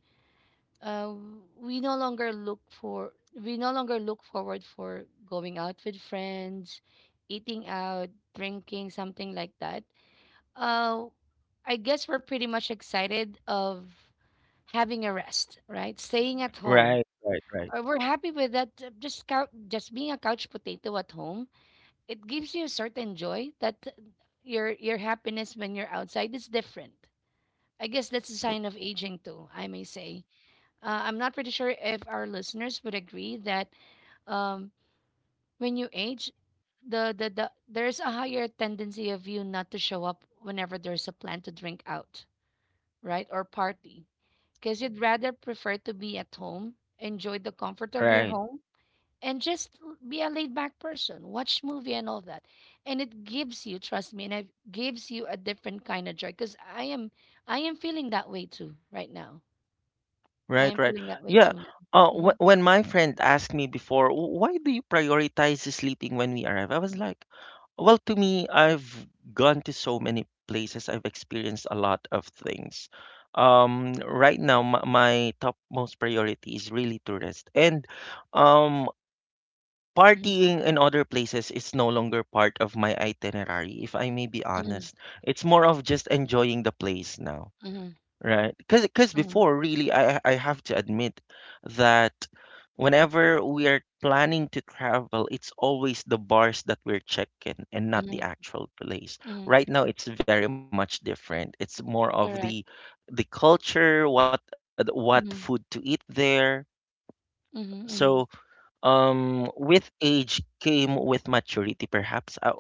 Speaker 2: uh, we no longer look for, we no longer look forward for going out with friends, eating out, drinking, something like that. Uh, I guess we're pretty much excited of having a rest, right? Staying at home.
Speaker 1: Right. Right. Right.
Speaker 2: We're happy with that. Just cou just being a couch potato at home, it gives you a certain joy that your happiness when you're outside is different. I guess that's a sign of aging too, I may say. I'm not pretty sure if our listeners would agree that um, when you age, there's a higher tendency of you not to show up whenever there's a plan to drink out, right, or party, because you'd rather prefer to be at home, enjoy the comfort of your
Speaker 1: Right.
Speaker 2: home, and just be a laid back person, watch movie and all that. And it gives you, trust me, and it gives you a different kind of joy, because I am feeling that way too right now. I
Speaker 1: Right,
Speaker 2: am
Speaker 1: right.
Speaker 2: feeling that way
Speaker 1: Yeah.
Speaker 2: too now. Hmm.
Speaker 1: When my friend asked me before, Why do you prioritize sleeping when we arrive?" I was like, well, to me, I've gone to so many places. I've experienced a lot of things. Right now, my top most priority is really to rest. And um,
Speaker 2: Hmm.
Speaker 1: partying in other places is no longer part of my itinerary, if I may be honest. It's more of just enjoying the place now.
Speaker 2: Hmm.
Speaker 1: Right. Because
Speaker 2: Hmm.
Speaker 1: before really I have to admit that whenever we are planning to travel, it's always the bars that we're checking and not the
Speaker 2: Hmm.
Speaker 1: actual place.
Speaker 2: Hmm.
Speaker 1: Right now it's very much different. It's more of
Speaker 2: Correct.
Speaker 1: the culture, what
Speaker 2: Hmm.
Speaker 1: food to eat there.
Speaker 2: Hmm. Hmm.
Speaker 1: So, with age came with maturity perhaps. I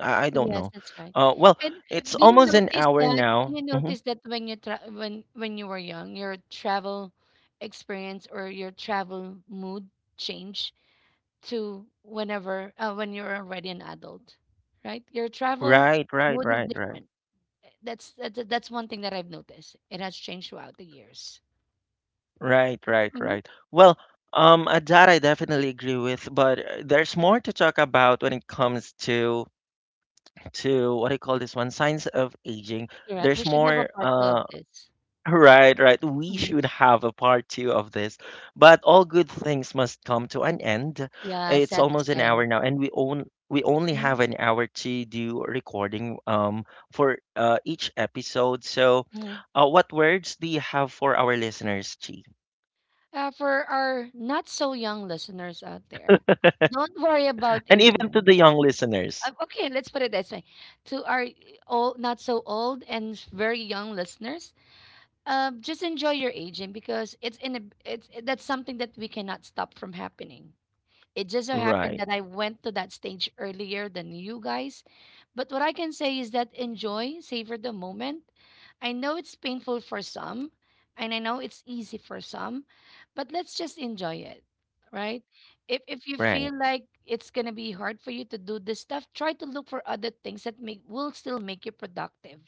Speaker 1: I I don't
Speaker 2: Yes,
Speaker 1: know.
Speaker 2: that's right.
Speaker 1: Well,
Speaker 2: And
Speaker 1: it's
Speaker 2: do you
Speaker 1: almost an
Speaker 2: notice
Speaker 1: hour
Speaker 2: that,
Speaker 1: now. Hmm.
Speaker 2: when when you were young, your travel experience or your travel mood change to whenever, when you're already an adult, right? Your travel
Speaker 1: Right, right,
Speaker 2: mood is
Speaker 1: right, right.
Speaker 2: different. Eh, that's one thing that I've noticed. It has changed throughout the years.
Speaker 1: Right,
Speaker 2: Yep,
Speaker 1: right,
Speaker 2: mhm.
Speaker 1: right. Well, that I definitely agree with, but there's more to talk about when it comes to what I call this one, signs of aging.
Speaker 2: Correct.
Speaker 1: There's
Speaker 2: We should have a
Speaker 1: more,
Speaker 2: part two of this.
Speaker 1: *laughs* right, right. We
Speaker 2: Mhm.
Speaker 1: should have a part two of this, but all good things must come to an end.
Speaker 2: Yeah,
Speaker 1: It's
Speaker 2: sad to
Speaker 1: almost an
Speaker 2: say.
Speaker 1: hour now, and we only
Speaker 2: Mhm,
Speaker 1: have an hour to do recording for each episode. So,
Speaker 2: mhm.
Speaker 1: what words do you have for our listeners, Chi?
Speaker 2: For our not so young listeners out there, don't worry about
Speaker 1: And even to
Speaker 2: aging.
Speaker 1: the young listeners.
Speaker 2: Okay, let's put it this way: to our old, not so old, and very young listeners, just enjoy your aging, because it's that's something that we cannot stop from happening. It just so happened
Speaker 1: Right,
Speaker 2: that I went to that stage earlier than you guys. But what I can say is that enjoy, savor the moment. I know it's painful for some, and I know it's easy for some, but let's just enjoy it, right? If you
Speaker 1: right,
Speaker 2: feel like it's gonna be hard for you to do this stuff, try to look for other things that make will still make you productive.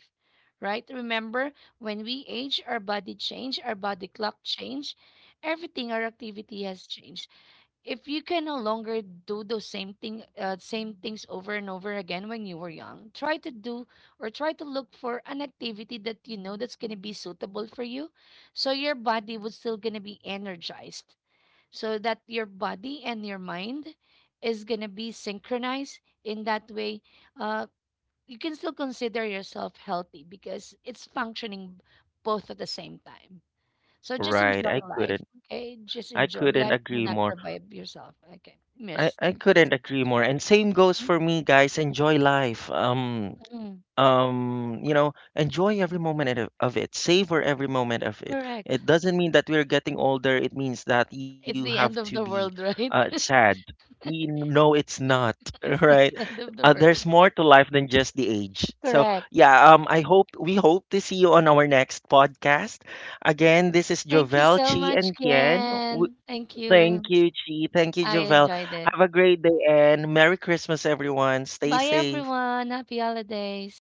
Speaker 2: Right? Remember, when we age, our body change, our body clock change, everything, our activity has changed. If you can no longer do those same thing same things over and over again when you were young, try to do or try to look for an activity that you know that's going to be suitable for you, so your body was still going to be energized, so that your body and your mind is going to be synchronized. In that way, uh, you can still consider yourself healthy, because it's functioning both at the same time. So just
Speaker 1: right.
Speaker 2: enjoy life, okay? Just
Speaker 1: I
Speaker 2: enjoy
Speaker 1: couldn't
Speaker 2: life. Do
Speaker 1: agree
Speaker 2: not
Speaker 1: more.
Speaker 2: provide yourself. Okay,
Speaker 1: I
Speaker 2: Miss,
Speaker 1: I
Speaker 2: thank you
Speaker 1: couldn't
Speaker 2: so
Speaker 1: agree
Speaker 2: much.
Speaker 1: more. And same goes for me, guys. Enjoy life.
Speaker 2: Mm-mm.
Speaker 1: You know, enjoy every moment of it, savor every moment of it.
Speaker 2: Correct.
Speaker 1: It doesn't mean that we're getting older. It means that you
Speaker 2: It's
Speaker 1: have
Speaker 2: the
Speaker 1: to
Speaker 2: end of the
Speaker 1: be
Speaker 2: world, right?
Speaker 1: sad. You know, it's not
Speaker 2: *laughs*
Speaker 1: *laughs*
Speaker 2: It's not
Speaker 1: right.
Speaker 2: the end of the world.
Speaker 1: There's more to life than just the age. So
Speaker 2: Correct.
Speaker 1: yeah, I hope, we hope to see you on our next podcast again. This is
Speaker 2: Thank you
Speaker 1: Jovel,
Speaker 2: so
Speaker 1: Chi,
Speaker 2: much,
Speaker 1: and Kien. W-
Speaker 2: Ken. Thank you.
Speaker 1: Thank you, Chi. Thank you,
Speaker 2: I
Speaker 1: Jovel.
Speaker 2: enjoyed it.
Speaker 1: Have a great day and merry Christmas, everyone. Stay
Speaker 2: Bye,
Speaker 1: safe.
Speaker 2: everyone. Happy holidays.